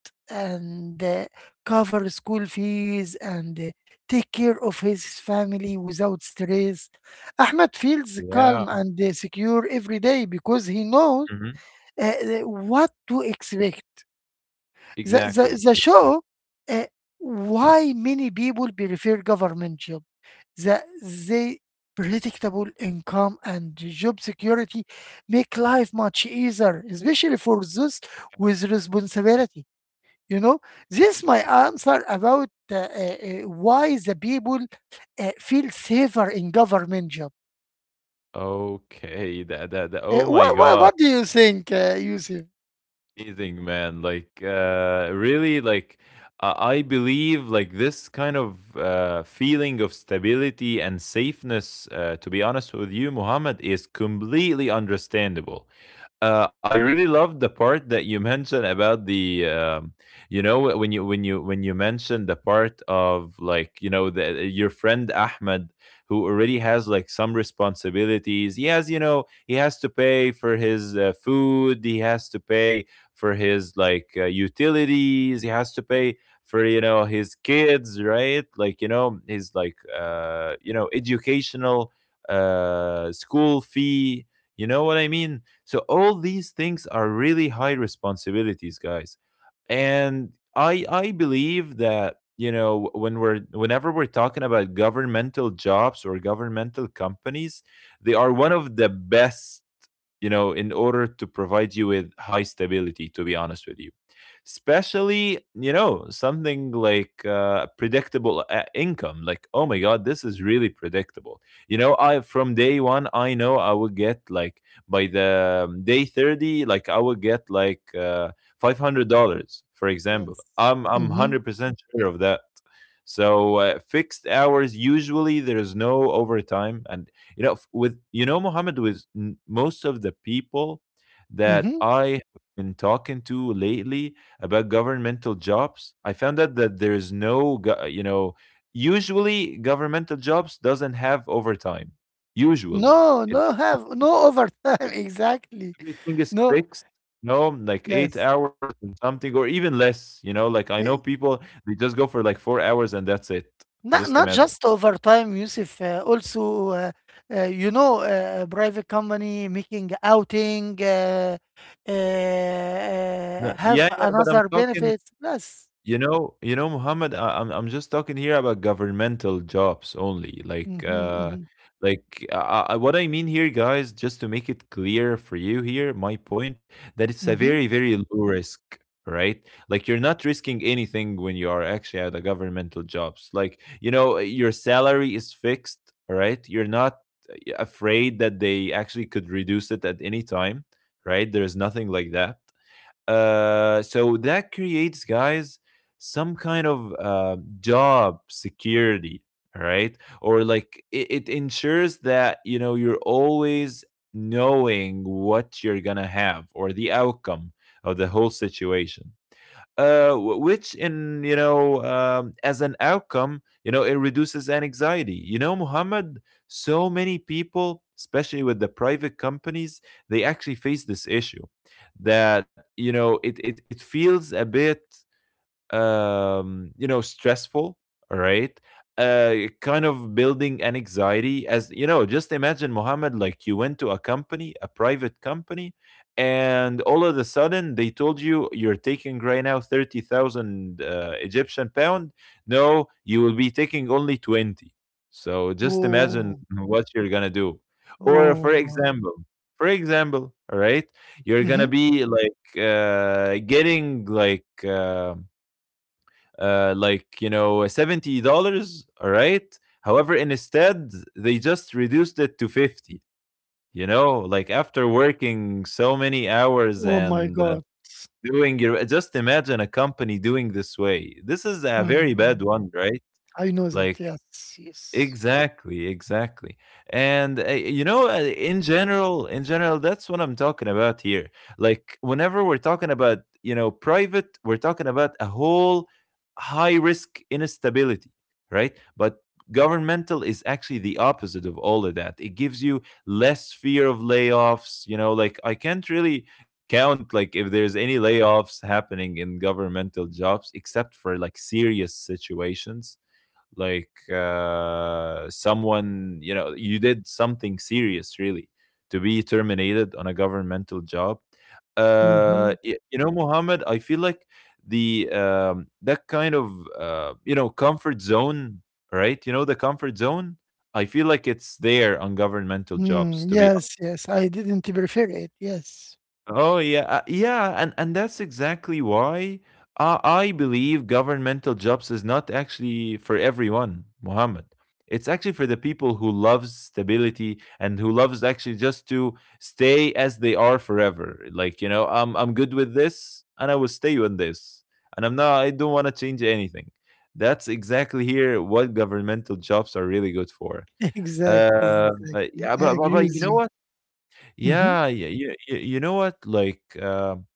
Speaker 2: and cover school fees and take care of his family without stress. Ahmed feels calm
Speaker 1: Yeah.
Speaker 2: and secure every day because he knows
Speaker 1: Mhm.
Speaker 2: what to expect. The the
Speaker 1: Exactly.
Speaker 2: the
Speaker 1: Exactly.
Speaker 2: show, uh, why many people prefer government job. The predictable income and job security make life much easier, especially for those with responsibility. You know, this is my
Speaker 1: Exactly.
Speaker 2: answer about why the people feel safer in government job.
Speaker 1: Okay, that that that
Speaker 2: Uh,
Speaker 1: oh my
Speaker 2: what, what,
Speaker 1: god,
Speaker 2: what do you think, Yusuf?
Speaker 1: amazing, man. Like, uh, really, like, I believe like this kind of feeling of stability and safeness, uh, to be honest with you, Muhammad, is completely understandable. I really loved the part that you mentioned about the, you know, when you when you when you mentioned the part of, like, you know, the, your friend Ahmed, who already has like some responsibilities. He has, you know, he has to pay for his food. He has to pay for his like utilities. He has to pay for, you know, his kids, right? Like, you know, his like you know, educational school fee. You know what I mean? So all these things are really high responsibilities, guys. And I believe that, you know, when we're whenever we're talking about governmental jobs or governmental companies, they are one of the best, you know, in order to provide you with high stability, to be honest with you. Especially, you know, something like predictable income. Like, oh my God, this is really predictable. You know, I from day one, I know I will get like by the day 30, like I will get like $500, for example.
Speaker 2: Yes.
Speaker 1: I'm
Speaker 2: Mm-hmm.
Speaker 1: 100% sure of that. So fixed hours, usually there is no overtime, and you know, with, you know, Mohammed, with most of the people that
Speaker 2: Mm-hmm.
Speaker 1: I have been talking to lately about governmental jobs, I found out that there is no, you know, usually governmental jobs doesn't have overtime. Usually,
Speaker 2: No,
Speaker 1: it
Speaker 2: no
Speaker 1: does,
Speaker 2: have no overtime, <laughs> exactly.
Speaker 1: everything is
Speaker 2: No,
Speaker 1: fixed. No, like eight
Speaker 2: yes.
Speaker 1: hours or something, or even less. You know, like I know
Speaker 2: Eh,
Speaker 1: people they just go for like 4 hours and that's it.
Speaker 2: Not
Speaker 1: Just
Speaker 2: not
Speaker 1: imagine.
Speaker 2: just overtime, Yusuf. Also, private company making outing
Speaker 1: No,
Speaker 2: have
Speaker 1: yeah, yeah, but I'm
Speaker 2: another
Speaker 1: talking
Speaker 2: benefit. Yes.
Speaker 1: you know, you know, Muhammad, I'm just talking here about governmental jobs only. Like,
Speaker 2: Mm-hmm, mm-hmm,
Speaker 1: like, I, what I mean here, guys, just to make it clear for you here, my point that it's a
Speaker 2: mm-hmm.
Speaker 1: very, very low risk, right? Like you're not risking anything when you are actually at a governmental jobs. Like, you know, your salary is fixed, right? You're not afraid that they actually could reduce it at any time, right? There's nothing like that. So that creates, guys, some kind of job security, all right? Or like it ensures that, you know, you're always knowing what you're going to have or the outcome of the whole situation, which in, you know, as an outcome, you know, it reduces anxiety. You know, Muhammad, so many people, especially with the private companies, they actually face this issue that, you know, it feels a bit, you know, stressful, right? Kind of building an anxiety, as you know. Just imagine, Mohammed, like you went to a company, a private company, and all of a sudden they told you you're taking right now 30,000 Egyptian pound. No, you will be taking only 20. So just imagine
Speaker 2: Oh,
Speaker 1: what you're gonna do. Or for
Speaker 2: oh,
Speaker 1: example, for example, all right, you're gonna
Speaker 2: mm-hmm.
Speaker 1: be like getting like you know $70. All right. However, instead they just reduced it to 50. You know, like after working so many hours
Speaker 2: Oh my
Speaker 1: and
Speaker 2: God.
Speaker 1: doing your, just imagine a company doing this way. This is a very bad
Speaker 2: Mm-hmm.
Speaker 1: one, right?
Speaker 2: I know that.
Speaker 1: Like,
Speaker 2: Yes, yes.
Speaker 1: exactly, exactly. And you know, in general, that's what I'm talking about here. Like whenever we're talking about, you know, private, we're talking about a whole high risk instability, right? But governmental is actually the opposite of all of that. It gives you less fear of layoffs, you know, like I can't really count, like if there's any layoffs happening in governmental jobs except for like serious situations, like someone, you know, you did something serious really, to be terminated on a governmental job.
Speaker 2: Mm-hmm.
Speaker 1: You know, Mohammed, I feel like the that kind of you know comfort zone, right? You know, the comfort zone, I feel like it's there on governmental jobs
Speaker 2: Mm,
Speaker 1: to be.
Speaker 2: yes, yes. I didn't prefer it. Yes.
Speaker 1: Oh yeah, yeah, and that's exactly why I believe governmental jobs is not actually for everyone, Mohammed. It's actually for the people who loves stability and who loves actually just to stay as they are forever. Like, you know, I'm good with this, and I will stay on this, and I'm not. I don't want to change anything. That's exactly here what governmental jobs are really good for.
Speaker 2: <laughs> Exactly, exactly.
Speaker 1: Yeah,
Speaker 2: I
Speaker 1: but
Speaker 2: agree
Speaker 1: you
Speaker 2: with
Speaker 1: know
Speaker 2: you.
Speaker 1: what?
Speaker 2: Mm-hmm.
Speaker 1: Yeah, yeah, yeah, yeah. You know what? Like,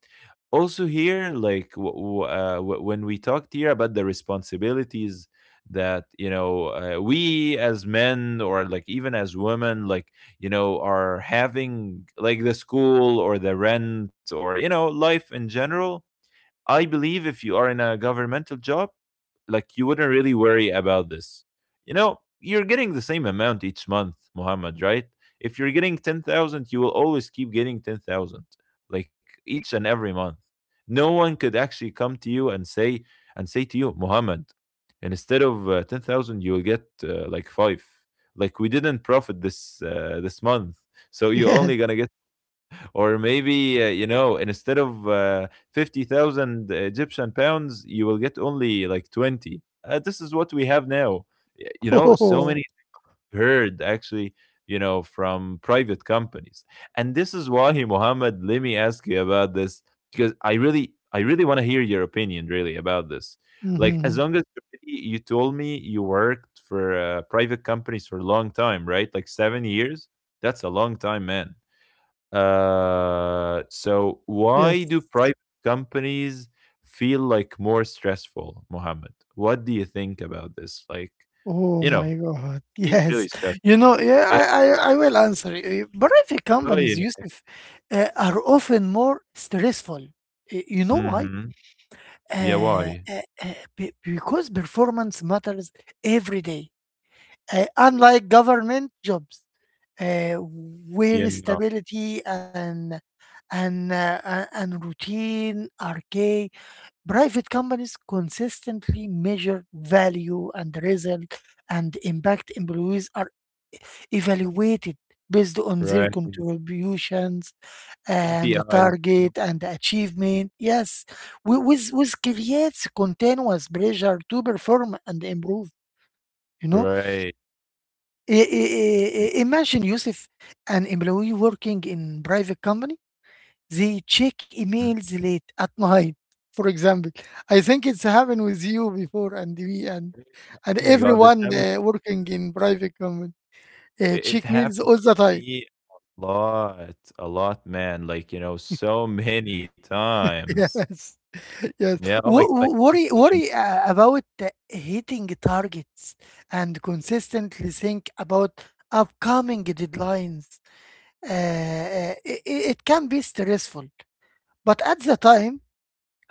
Speaker 1: also here, like, when we talked here about the responsibilities that you know we as men or like even as women, like, you know, are having like the school or the rent or you know life in general. I believe if you are in a governmental job, like you wouldn't really worry about this. You know, you're getting the same amount each month, Muhammad, right? If you're getting 10,000, you will always keep getting 10,000 like each and every month. No one could actually come to you and say, to you, Muhammad, instead of 10,000 you will get like 5. Like we didn't profit this this month. So you're
Speaker 2: Yes.
Speaker 1: only going to get, or maybe you know, instead of 50,000 Egyptian pounds you will get only like 20. This is what we have now.
Speaker 2: <laughs>
Speaker 1: You know, so
Speaker 2: Oh.
Speaker 1: many heard actually, you know, from private companies. And this is why, Mohammed, let me ask you about this, because I really want to hear your opinion really about this. Like, as
Speaker 2: Mm-hmm.
Speaker 1: long as already you told me you worked for private companies for a long time, right? Like 7 years. That's a long time, man. So
Speaker 2: Yes.
Speaker 1: why do private companies feel like more stressful, Mohammed? What do you think about this? Like,
Speaker 2: Oh
Speaker 1: you know,
Speaker 2: my God. <laughs>
Speaker 1: it's really
Speaker 2: Yes.
Speaker 1: stressful.
Speaker 2: You know, yeah,
Speaker 1: Yeah.
Speaker 2: I will answer you. Private
Speaker 1: Oh
Speaker 2: companies,
Speaker 1: yeah.
Speaker 2: Yusuf, are often more stressful. You know why?
Speaker 1: Mm-hmm. Yeah.
Speaker 2: Uh,
Speaker 1: Why?
Speaker 2: uh, uh, be- because performance matters every day, unlike government jobs, uh,
Speaker 1: Yeah.
Speaker 2: where
Speaker 1: No,
Speaker 2: stability and routine are key. Private companies consistently measure value and result and impact. Employees are evaluated based on their
Speaker 1: right.
Speaker 2: contributions and the
Speaker 1: API.
Speaker 2: target and the achievement. Yes, with creates continuous pressure to perform and improve. You know.
Speaker 1: Right.
Speaker 2: Imagine, Yusuf, an employee working in private company, they check
Speaker 1: Mhm.
Speaker 2: emails late at night, for example. I think it's happened with you before and me and
Speaker 1: Oh my God, it
Speaker 2: everyone
Speaker 1: happened.
Speaker 2: working in private company.
Speaker 1: It
Speaker 2: Check mails
Speaker 1: happened
Speaker 2: all the
Speaker 1: to
Speaker 2: time.
Speaker 1: me a lot, man. Like you know, so many
Speaker 2: <laughs>
Speaker 1: times.
Speaker 2: Yes, yes.
Speaker 1: Yeah. Oh my God.
Speaker 2: Wo-
Speaker 1: Like,
Speaker 2: wo- Worry,
Speaker 1: actually,
Speaker 2: worry uh, about hitting targets and consistently think about upcoming deadlines. It can be stressful. But at the time,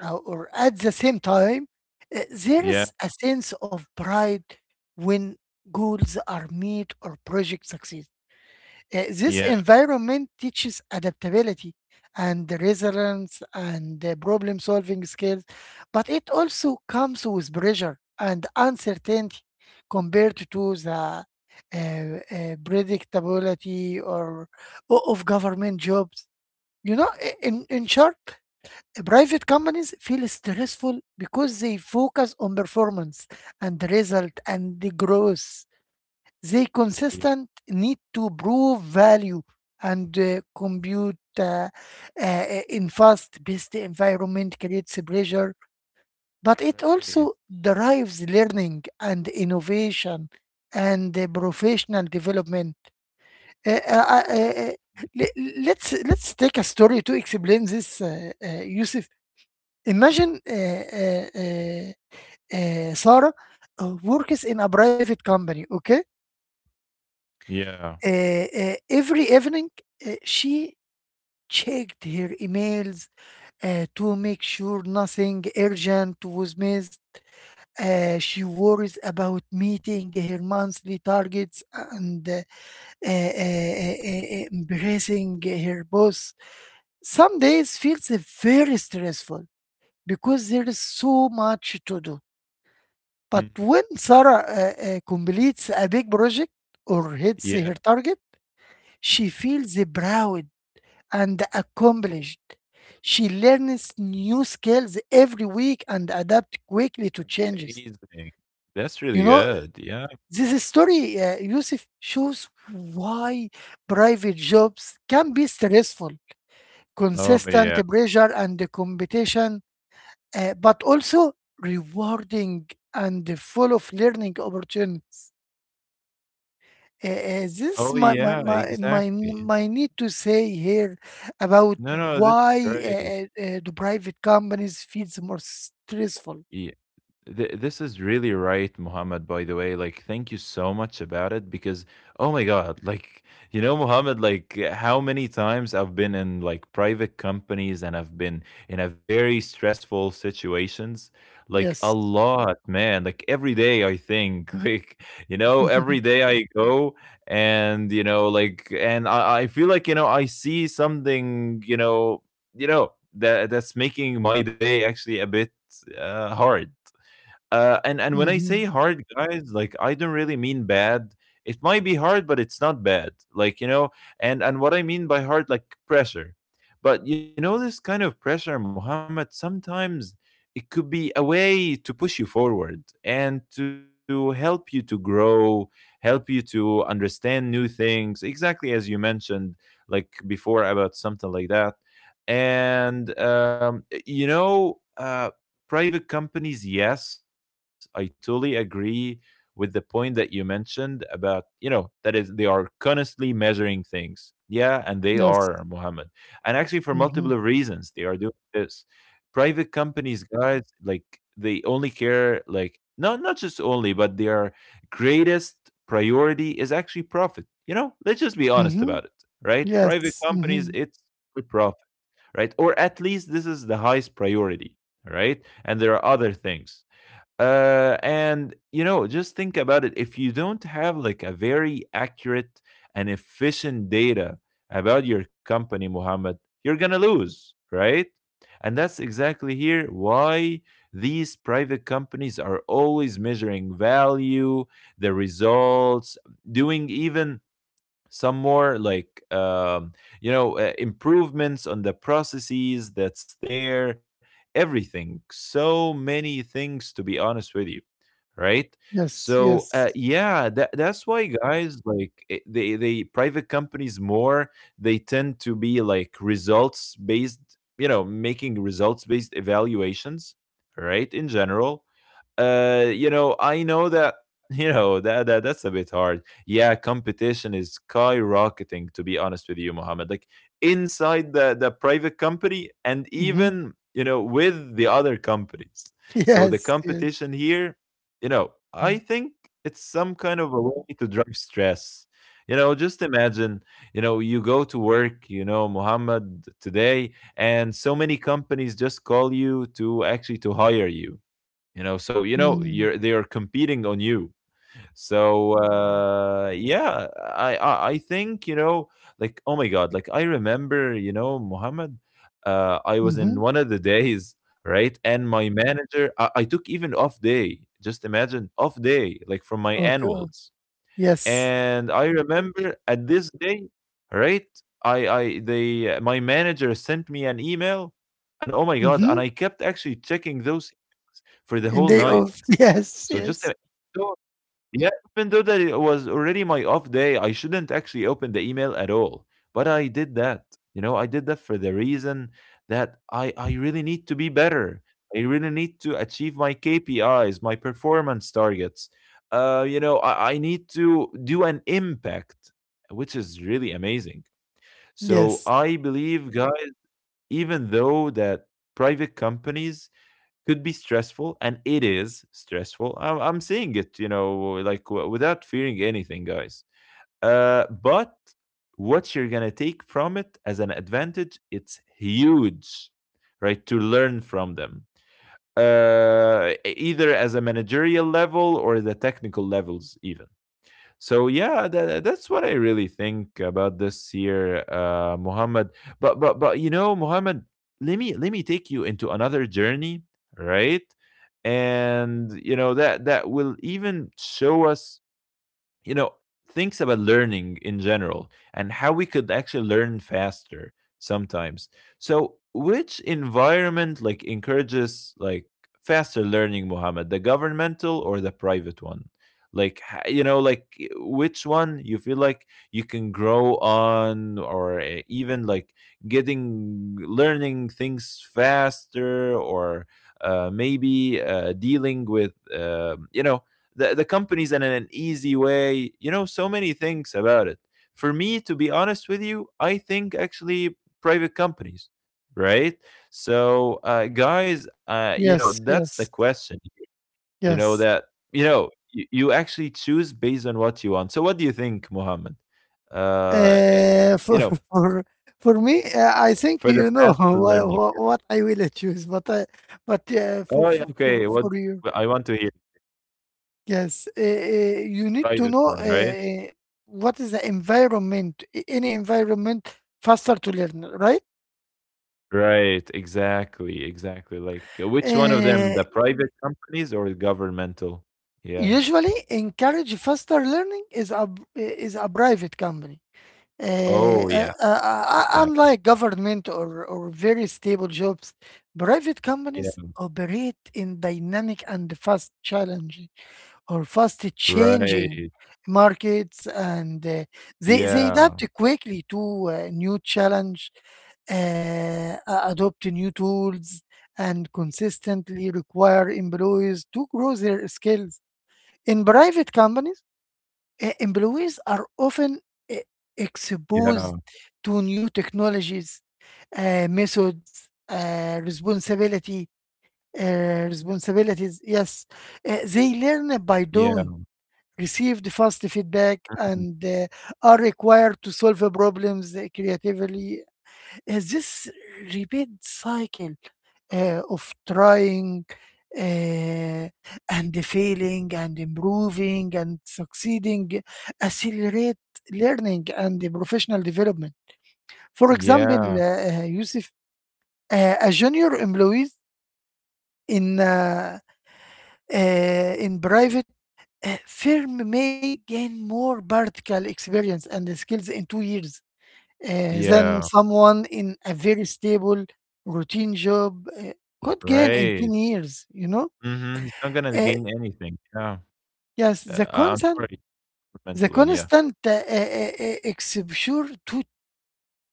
Speaker 2: or at the same time, there
Speaker 1: yeah.
Speaker 2: is a sense of pride when goals are met or projects succeed. This
Speaker 1: Yeah.
Speaker 2: environment teaches adaptability and resilience and problem solving skills, but it also comes with pressure and uncertainty compared to the predictability of government jobs. You know, in short, private companies feel stressful because they focus on performance and result and the growth. They
Speaker 1: Yeah,
Speaker 2: consistent need to prove value and compute in fast-paced environment creates pressure, but it
Speaker 1: right.
Speaker 2: also drives learning and innovation and professional development. Uh, uh, uh, uh, uh, let's take a story to explain this, Yusuf. Imagine Sarah works in a private company, okay?
Speaker 1: Yeah.
Speaker 2: Uh, every evening, she checked her emails to make sure nothing urgent was missed. She worries about meeting her monthly targets and embracing her boss. Some days feels very stressful because there is so much to do. But
Speaker 1: Mhm.
Speaker 2: when Sarah completes a big project or hits
Speaker 1: Yeah.
Speaker 2: her target,
Speaker 1: Mhm.
Speaker 2: she feels proud and
Speaker 1: Oh,
Speaker 2: accomplished. She learns new skills every week and adapts quickly to changes.
Speaker 1: amazing. That's really
Speaker 2: You know,
Speaker 1: good. Yeah.
Speaker 2: this story, Yusuf, shows why private jobs can be stressful,
Speaker 1: Oh,
Speaker 2: consistent
Speaker 1: yeah.
Speaker 2: pressure and the competition, but also rewarding and full of learning opportunities. This
Speaker 1: Oh,
Speaker 2: my my
Speaker 1: yeah.
Speaker 2: my my
Speaker 1: Exactly.
Speaker 2: my need to say here about
Speaker 1: No, no, this is
Speaker 2: why
Speaker 1: great.
Speaker 2: do private companies feels more stressful.
Speaker 1: Yeah. This is really right, Muhammad, by the way. Like, thank you so much about it, because, oh my God, like, you know, Muhammad, like, how many times I've been in like private companies, and I've been in a very stressful situations, like, a
Speaker 2: Yes.
Speaker 1: lot, man. Like, every day, I think, <laughs> like, you know,
Speaker 2: <laughs>
Speaker 1: every day I go, and, you know, like, and I feel like, you know, I see something, you know, that that's making my day actually a bit hard. And
Speaker 2: Hmm.
Speaker 1: when I say hard, guys, like I don't really mean bad. It might be hard, but it's not bad. Like, you know, and what I mean by hard, like pressure. But you know, this kind of pressure, Muhammad, sometimes it could be a way to push you forward and to help you to grow, help you to understand new things. Exactly as you mentioned, like before about something like that. And you know. Private companies, yes, I totally agree with the point that you mentioned about, you know, that is they are constantly measuring things. Yeah, and they
Speaker 2: Yes.
Speaker 1: are, Muhammad. And actually for
Speaker 2: Hmm.
Speaker 1: multiple reasons they are doing this. Private companies, guys, like they only care like not just only, but their greatest priority is actually profit. You know, let's just be honest
Speaker 2: Hmm.
Speaker 1: about it, right? Private
Speaker 2: Yes. Hmm.
Speaker 1: companies, it's profit, right? Or at least this is the highest priority, right? And there are other things. And you know, just think about it. If you don't have like a very accurate and efficient data about your company, Mohammed, you're gonna lose, right? And that's exactly here why these private companies are always measuring value, the results, doing even some more like you know improvements on the processes that's there, everything, so many things, to be honest with you, right?
Speaker 2: Yes.
Speaker 1: So
Speaker 2: Yes.
Speaker 1: yeah, that's why, guys, like they private companies more, they tend to be like results based, you know, making results based evaluations, right, in general. You know, I know that <laughs> you know that that's a bit hard. Yeah, competition is skyrocketing, to be honest with you, Mohammed. Like inside the private company, and
Speaker 2: Hmm.
Speaker 1: even you know with the other companies.
Speaker 2: <laughs>
Speaker 1: So the
Speaker 2: Yes. Yes.
Speaker 1: competition here, you know, I think it's some kind of a way to drive stress. You know, just imagine, you know, you go to work, you know, Mohammed, today, and so many companies just call you to actually to hire you. You know, so you know
Speaker 2: Mm-hmm.
Speaker 1: you're, they are competing on you. So yeah, I think, you know, like oh my god, like I remember, you know, Muhammad, I was
Speaker 2: Mm-hmm.
Speaker 1: in one of the days, right, and my manager, I took even off day, just imagine off day, like from my
Speaker 2: Okay.
Speaker 1: annuals.
Speaker 2: Yes.
Speaker 1: And I remember at this day, right? I they My manager sent me an email, and oh my god! And
Speaker 2: Hmm.
Speaker 1: I kept actually checking those emails for the whole
Speaker 2: And day
Speaker 1: night.
Speaker 2: off. <laughs> Yes.
Speaker 1: So just
Speaker 2: Yes.
Speaker 1: so yeah, even though that it was already my off day, I shouldn't actually open the email at all. But I did that. You know, I did that for the reason that I really need to be better. I really need to achieve my KPIs, my performance targets. You know, I need to do an impact, which is really amazing. So
Speaker 2: Yes.
Speaker 1: I believe, guys, even though that private companies could be stressful, and it is stressful, I'm seeing it, you know, like without fearing anything, guys, but what you're gonna take from it as an advantage, it's huge, right, to learn from them, either as a managerial level or the technical levels even. So yeah, that that's what I really think about this year, Muhammad. But you know, Muhammad, let me take you into another journey, right? And you know that that will even show us, you know, thinks about learning in general, and how we could actually learn faster sometimes. So, which environment like encourages like faster learning, Muhammad? The governmental or the private one? Like you know, like which one you feel like you can grow on, or even like getting learning things faster, or maybe dealing with you know the companies in an easy way, you know, so many things about it. For me, to be honest with you, I think actually private companies, right? So guys, you know,
Speaker 2: Yes.
Speaker 1: that's the
Speaker 2: Yes.
Speaker 1: question. you know
Speaker 2: Yes.
Speaker 1: that you know you, you actually choose based on what you want. So what do you think, Mohammed? uh eh,
Speaker 2: For
Speaker 1: you know,
Speaker 2: <laughs> for for me, I think
Speaker 1: for
Speaker 2: you
Speaker 1: the
Speaker 2: know <laughs>
Speaker 1: faster learning.
Speaker 2: what I will choose, but I, but uh, for,
Speaker 1: Oh yeah,
Speaker 2: for for
Speaker 1: okay, what
Speaker 2: for you,
Speaker 1: I want to hear.
Speaker 2: yes, you need to
Speaker 1: Private
Speaker 2: know
Speaker 1: one, right?
Speaker 2: what is the environment, any environment faster to learn, right?
Speaker 1: Right, exactly, exactly. Like, which one of them,
Speaker 2: Uh,
Speaker 1: the private companies or the governmental? Yeah.
Speaker 2: Usually, encourage faster learning is a private company. Uh,
Speaker 1: Oh, yeah, exactly.
Speaker 2: Unlike government or very stable jobs, private companies
Speaker 1: Yeah.
Speaker 2: operate in dynamic and fast challenging or fast changing
Speaker 1: Right.
Speaker 2: markets, and they
Speaker 1: Yeah.
Speaker 2: adapt quickly to new challenge, adopt new tools, and consistently require employees to grow their skills. In private companies, employees are often e-
Speaker 1: Yeah.
Speaker 2: exposed to new technologies, methods, responsibilities. Yes. They learn by
Speaker 1: Yeah.
Speaker 2: doing, receive the fast feedback,
Speaker 1: Mhm.
Speaker 2: and are required to solve problems creatively. This repeat cycle of trying uh, and failing and improving and succeeding accelerate learning and the professional development. For example,
Speaker 1: Yeah.
Speaker 2: Yusuf, a junior employee in uh, uh, in private firm may gain more practical experience and skills in 2 years than
Speaker 1: Yeah.
Speaker 2: someone in a very stable routine job could gain in
Speaker 1: Right.
Speaker 2: 10 years, you know.
Speaker 1: Mhm. He's not gonna
Speaker 2: Uh,
Speaker 1: gain anything. Yeah.
Speaker 2: Yes,
Speaker 1: Uh,
Speaker 2: the
Speaker 1: I'm
Speaker 2: constant
Speaker 1: sorry,
Speaker 2: the
Speaker 1: governmental one. Yeah.
Speaker 2: constant exposure to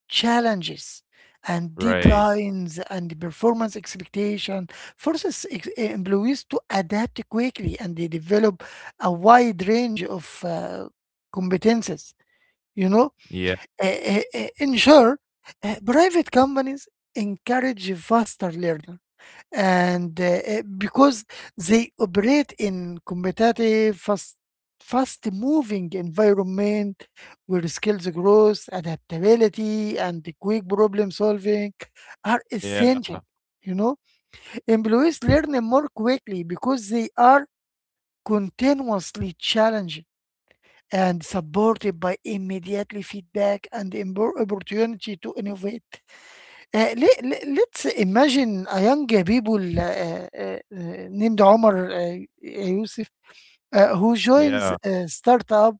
Speaker 2: challenges and
Speaker 1: Right.
Speaker 2: deadlines and performance expectation forces employees to adapt quickly and they develop a wide range of competences. You know,
Speaker 1: Yeah.
Speaker 2: in short, private companies encourage faster learning and because they operate in competitive, fast-moving environment where skills growth, adaptability, and the quick problem-solving are
Speaker 1: Yeah.
Speaker 2: essential. You know, employees learn more quickly because they are continuously challenged and supported by immediately feedback and opportunity to innovate. Let's imagine a young people named Omar, Yusuf, who joins
Speaker 1: Yeah.
Speaker 2: a startup.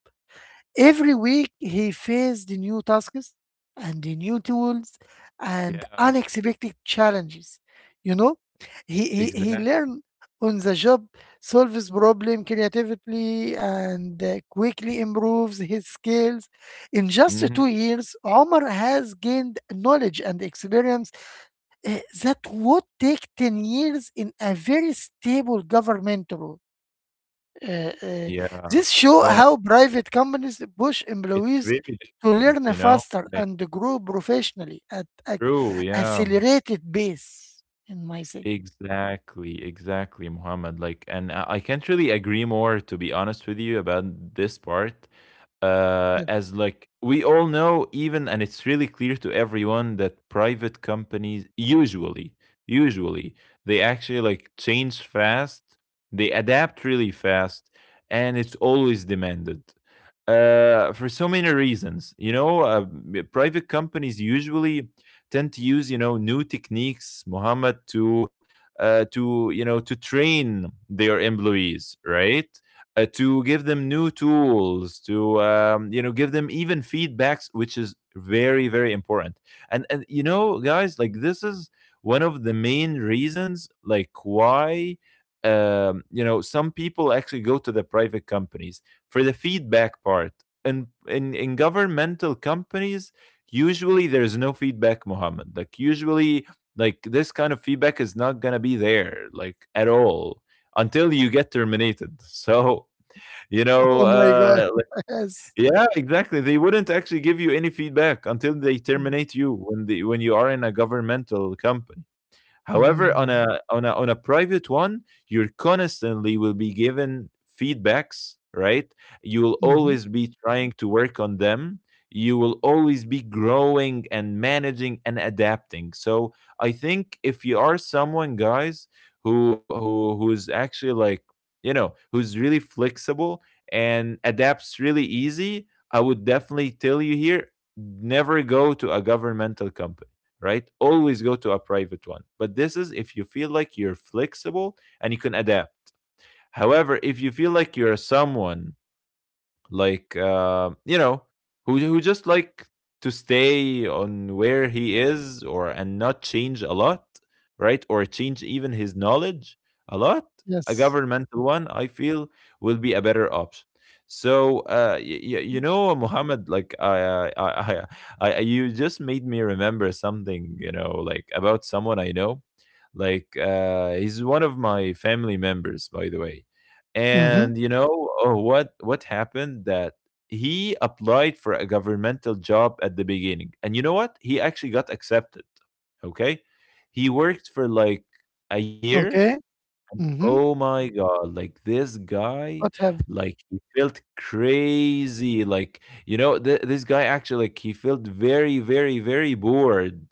Speaker 2: Every week he faced new tasks and the new tools and
Speaker 1: Yeah.
Speaker 2: unexpected challenges. You know, he
Speaker 1: Exactly.
Speaker 2: learns on the job, solves problem creatively, and quickly improves his skills. In just
Speaker 1: Mhm.
Speaker 2: 2 years, Omar has gained knowledge and experience that would take 10 years in a very stable government role. Uh, uh,
Speaker 1: Yeah.
Speaker 2: this show
Speaker 1: Oh my,
Speaker 2: how private companies push
Speaker 1: it's
Speaker 2: employees
Speaker 1: really
Speaker 2: to
Speaker 1: different,
Speaker 2: learn
Speaker 1: you know?
Speaker 2: faster
Speaker 1: Like,
Speaker 2: and grow professionally at a
Speaker 1: true. Yeah.
Speaker 2: accelerated pace, in my thing.
Speaker 1: Exactly, exactly, Muhammad. Like, and I can't really agree more, to be honest with you, about this part.
Speaker 2: Yes. <laughs>
Speaker 1: As we all know, even and it's really clear to everyone that private companies usually they actually like change fast, they adapt really fast, and it's always demanded. For so many reasons, private companies usually tend to use, you know, new techniques, Muhammad, to to train their employees, right? To give them new tools, to you know give them even feedbacks, which is very very important. And you know, guys, like this is one of the main reasons, like why you know some people actually go to the private companies for the feedback part. And in governmental companies, usually there is no feedback, Mohammed. Like usually like this kind of feedback is not going to be there like at all until you get terminated <laughs> so you know
Speaker 2: Oh my God.
Speaker 1: uh like-
Speaker 2: <laughs> Yes.
Speaker 1: yeah exactly, they wouldn't actually give you any feedback until they terminate you when the when you are in a governmental company. However, on
Speaker 2: Mm-hmm.
Speaker 1: a private one, you're constantly will be given feedbacks, right? You will
Speaker 2: Mm-hmm.
Speaker 1: always be trying to work on them. You will always be growing and managing and adapting. So I think if you are someone, guys, who's actually like, you know, who's really flexible and adapts really easy, I would definitely tell you here, never go to a governmental company, right? Always go to a private one. But this is if you feel like you're flexible and you can adapt. However, if you feel like you're someone like you know, who just like to stay on where he is or and not change a lot, right, or change even his knowledge a lot, a
Speaker 2: Yes.
Speaker 1: governmental one, I feel, will be a better option. So you know, Muhammad, like I <laughs> you just made me remember something, you know, like about someone I know. Like he's one of my family members, by the way. And
Speaker 2: Mm-hmm.
Speaker 1: what happened that he applied for a governmental job at the beginning. And you know what? He actually got accepted. Okay? He worked for like a year.
Speaker 2: Okay. Mm-hmm.
Speaker 1: Oh my god, like this guy,
Speaker 2: What have?
Speaker 1: like he felt crazy. Like this guy actually like he felt very very very bored,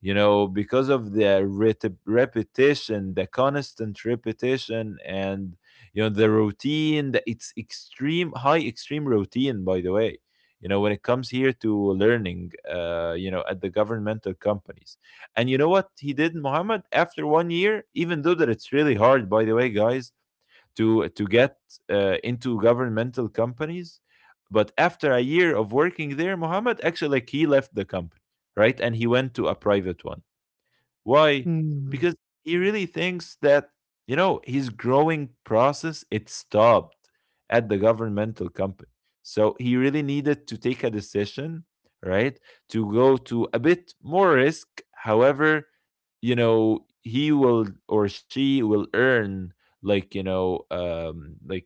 Speaker 1: you know, because of the repetition, the constant repetition, and you know the routine, it's extreme high extreme routine, by the way, you know, when it comes here to learning you know at the governmental companies. And you know what he did, Muhammad, after 1 year, even though that it's really hard, by the way, guys, to get into governmental companies, but after a year of working there, Muhammad, actually like he left the company, right, and he went to a private one. Why?
Speaker 2: Mm.
Speaker 1: Because he really thinks that, you know, his growing process it stopped at the governmental company. So he really needed to take a decision, right? To go to a bit more risk. However, you know, he will or she will earn like, you know,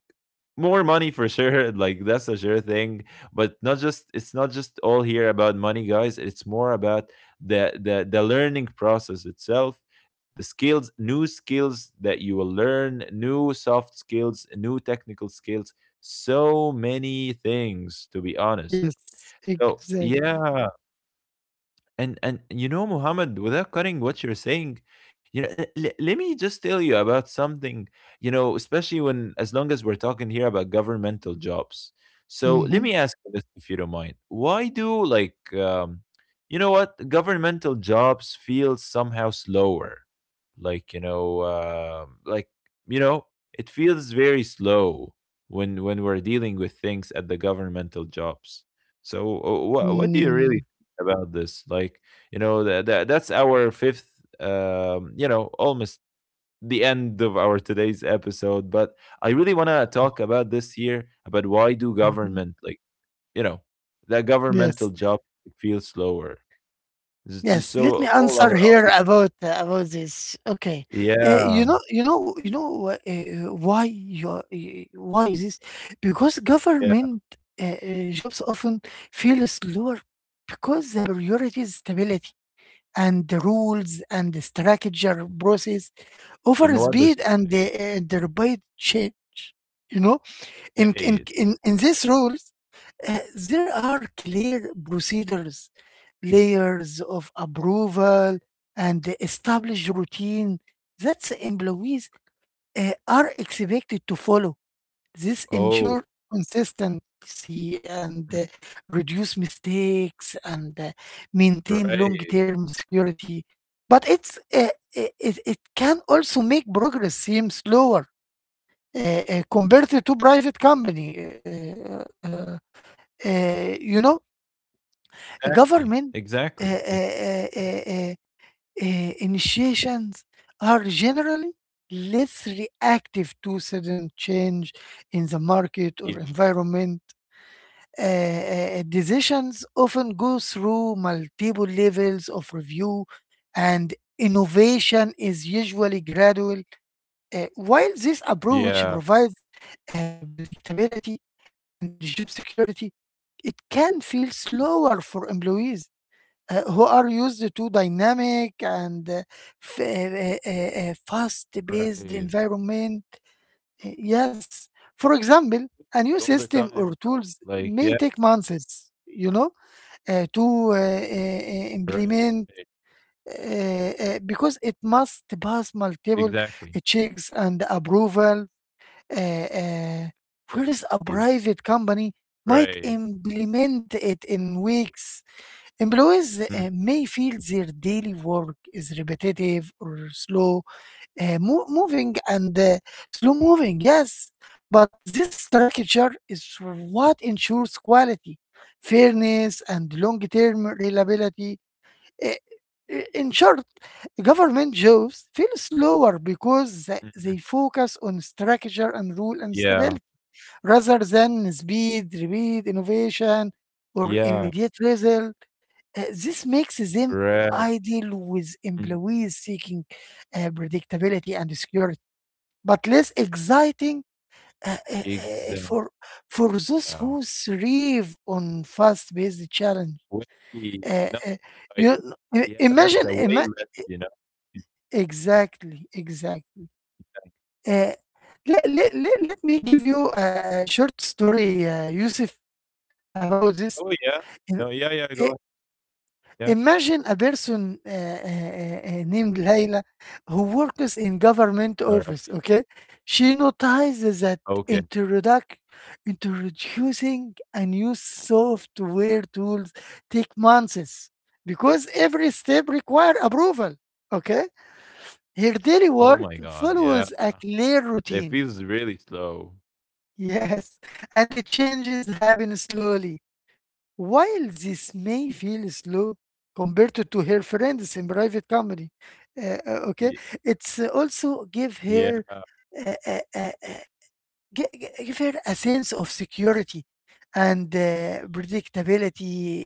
Speaker 1: more money for sure. <laughs> Like that's a sure thing. But not just, it's not just all here about money, guys. It's more about the learning process itself, the skills, new skills that you will learn, new soft skills, new technical skills, so many things, to be honest.
Speaker 2: Yes.
Speaker 1: So
Speaker 2: Exact.
Speaker 1: yeah. And you know, Muhammad, without cutting what you're saying, you know, let me just tell you about something. You know, especially when as long as we're talking here about governmental jobs. So let
Speaker 2: Mm-hmm.
Speaker 1: me ask you this, if you don't mind. Why do like, you know, what governmental jobs feel somehow slower? Like you know, you know, it feels very slow when we're dealing with things at the governmental jobs. So, what do you
Speaker 2: Mm-hmm.
Speaker 1: really about this. Like, you know, that's our fifth, you know, almost the end of our today's episode. But I really want to talk about this here about why do government, like, you know, that
Speaker 2: Yes.
Speaker 1: governmental job feels slower. It's just
Speaker 2: Yes, let
Speaker 1: so
Speaker 2: me
Speaker 1: all
Speaker 2: answer
Speaker 1: our
Speaker 2: here
Speaker 1: audience.
Speaker 2: about this. Okay, you
Speaker 1: Yeah,
Speaker 2: know, why you are- y- why this? Because
Speaker 1: yeah.
Speaker 2: government jobs often feel slower because the priority is stability and the rules and the structure process
Speaker 1: You
Speaker 2: over
Speaker 1: know what? The
Speaker 2: speed and the rapid change. You know, in in
Speaker 1: charade.
Speaker 2: in in these rules. There are clear procedures, layers of approval, and established routine that the employees are expected to follow. This
Speaker 1: Oh,
Speaker 2: ensure consistency and reduce mistakes and maintain
Speaker 1: right.
Speaker 2: long-term security. But it's it, it it can also make progress seem slower uh, compared to private company, you know.
Speaker 1: Exactly.
Speaker 2: Government uh,
Speaker 1: Exactly. Ex-
Speaker 2: uh, uh, uh, uh, initiations are generally less reactive to sudden change in the market
Speaker 1: Yeah.
Speaker 2: or environment. Decisions often go through multiple levels of review, and innovation is usually gradual. While this approach
Speaker 1: Yeah.
Speaker 2: provides predictability and job security, it can feel slower for employees who are used to dynamic and fast paced
Speaker 1: Right.
Speaker 2: environment. Yes, for example, a new
Speaker 1: All the
Speaker 2: system
Speaker 1: time, you
Speaker 2: or
Speaker 1: know.
Speaker 2: tools
Speaker 1: Like, yeah.
Speaker 2: may take months, you know, to uh,
Speaker 1: Right.
Speaker 2: implement because it must pass multiple
Speaker 1: Exactly.
Speaker 2: checks and approval. Uh, uh, Whereas a
Speaker 1: Processes.
Speaker 2: private company might
Speaker 1: Right.
Speaker 2: implement it in weeks. Employees
Speaker 1: Mm,
Speaker 2: may feel their daily work is repetitive or uh, mo- moving and uh, slow moving, yes. But this structure is what ensures quality, fairness, and long term reliability. Uh, in short, government jobs feel slower because th-
Speaker 1: mhm.
Speaker 2: they focus on structure and rule and
Speaker 1: Yeah,
Speaker 2: stability rather than speed, innovation, or
Speaker 1: yeah,
Speaker 2: immediate result. This makes them
Speaker 1: correct.
Speaker 2: ideal with
Speaker 1: Mhm.
Speaker 2: employees seeking predictability and security, but less exciting uh, uh, uh,
Speaker 1: Exact.
Speaker 2: for for those
Speaker 1: Oh,
Speaker 2: who thrive on fast-paced challenge.
Speaker 1: whiskey. No,
Speaker 2: Uh, uh,
Speaker 1: I
Speaker 2: you kn-
Speaker 1: yeah, that's a
Speaker 2: imagine,
Speaker 1: way
Speaker 2: ima-
Speaker 1: less, you know?
Speaker 2: Exactly, exactly. Uh, let me give you a short story, Yusuf, about this.
Speaker 1: Oh, yeah.
Speaker 2: Uh,
Speaker 1: No, yeah, yeah,
Speaker 2: uh,
Speaker 1: go. Yeah.
Speaker 2: Imagine a person named Layla who works in government
Speaker 1: All right.
Speaker 2: office, okay? She notices that
Speaker 1: Okay.
Speaker 2: introduc- introducing a new software tools take months because every step require approval, okay? Her daily
Speaker 1: Oh
Speaker 2: work
Speaker 1: my God.
Speaker 2: follows
Speaker 1: Yeah.
Speaker 2: a clear
Speaker 1: It
Speaker 2: routine,
Speaker 1: feels really slow.
Speaker 2: <laughs> yes, and the changes happen slowly while this may feel slow compared to, her friends in private company, okay,
Speaker 1: Y-
Speaker 2: it's also
Speaker 1: Yeah.
Speaker 2: uh, uh, uh, uh, give her a sense of security and predictability.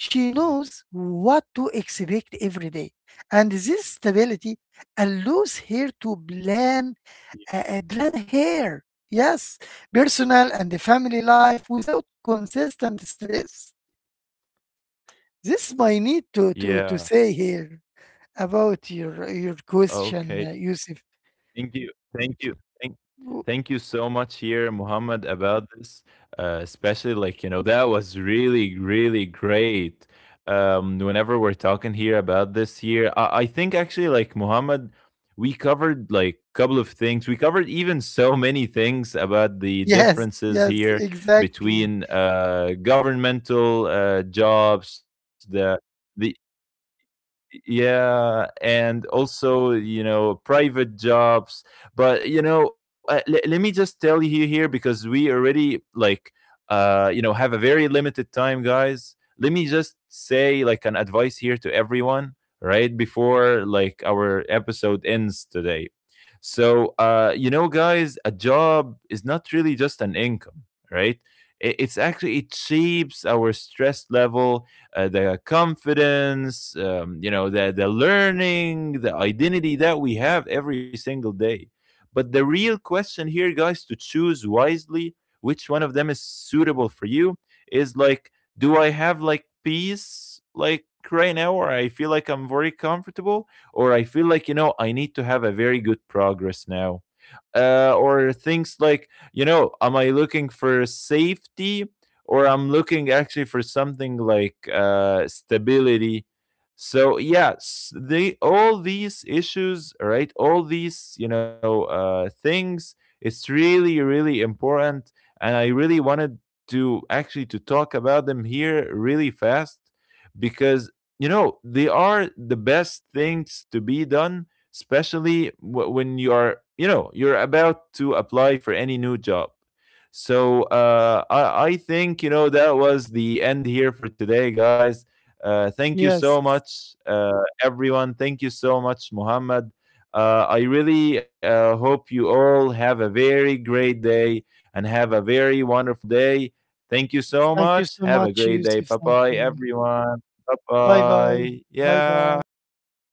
Speaker 1: y-
Speaker 2: knows what to expect every day, and this stability allows her to plan her, yes, personal and the family life without consistent stress. This my need to
Speaker 1: Yeah.
Speaker 2: say here about your question,
Speaker 1: Okay.
Speaker 2: Yusuf.
Speaker 1: Thank you. Thank you. Thank,
Speaker 2: W-
Speaker 1: thank you so much here, Muhammad, about this. Especially like, you know, that was really, really great. Whenever we're talking here about this here, I think actually like Muhammad, we covered like a couple of things. We covered even so many things about the
Speaker 2: Yes,
Speaker 1: differences
Speaker 2: yes,
Speaker 1: here
Speaker 2: exactly.
Speaker 1: between governmental jobs, the yeah, and also you know private jobs. But you know let me just tell you here because we already like you know have a very limited time, guys. Let me just say like an advice here to everyone, right, before like our episode ends today. So you know, guys, a job is not really just an income, right. It's actually, it shapes our stress level, the confidence, you know, the learning, the identity that we have every single day. But the real question here, guys, to choose wisely which one of them is suitable for you is like, do I have like peace like right now, or I feel like I'm very comfortable, or I feel like, you know, I need to have a very good progress now? Uh, or things like you know am I looking for safety or I'm looking actually for something like stability. So yes, they all these issues, right, all these you know things, it's really really important. And I really wanted to actually to talk about them here really fast, because you know they are the best things to be done, especially when you are, you know, you're about to apply for any new job. So I think you know that was the end here for today, guys. Uh, thank you
Speaker 2: Yes.
Speaker 1: so much everyone, thank you so much, Muhammad. Uh, I really hope you all have a very great day and have a very wonderful day. Thank you so
Speaker 2: Thank you
Speaker 1: much,
Speaker 2: so
Speaker 1: have a
Speaker 2: much,
Speaker 1: great day,
Speaker 2: Yusuf.
Speaker 1: bye
Speaker 2: Thank
Speaker 1: bye
Speaker 2: you.
Speaker 1: everyone. Bye
Speaker 2: Bye bye.
Speaker 1: bye,
Speaker 2: Bye
Speaker 1: yeah.
Speaker 2: bye.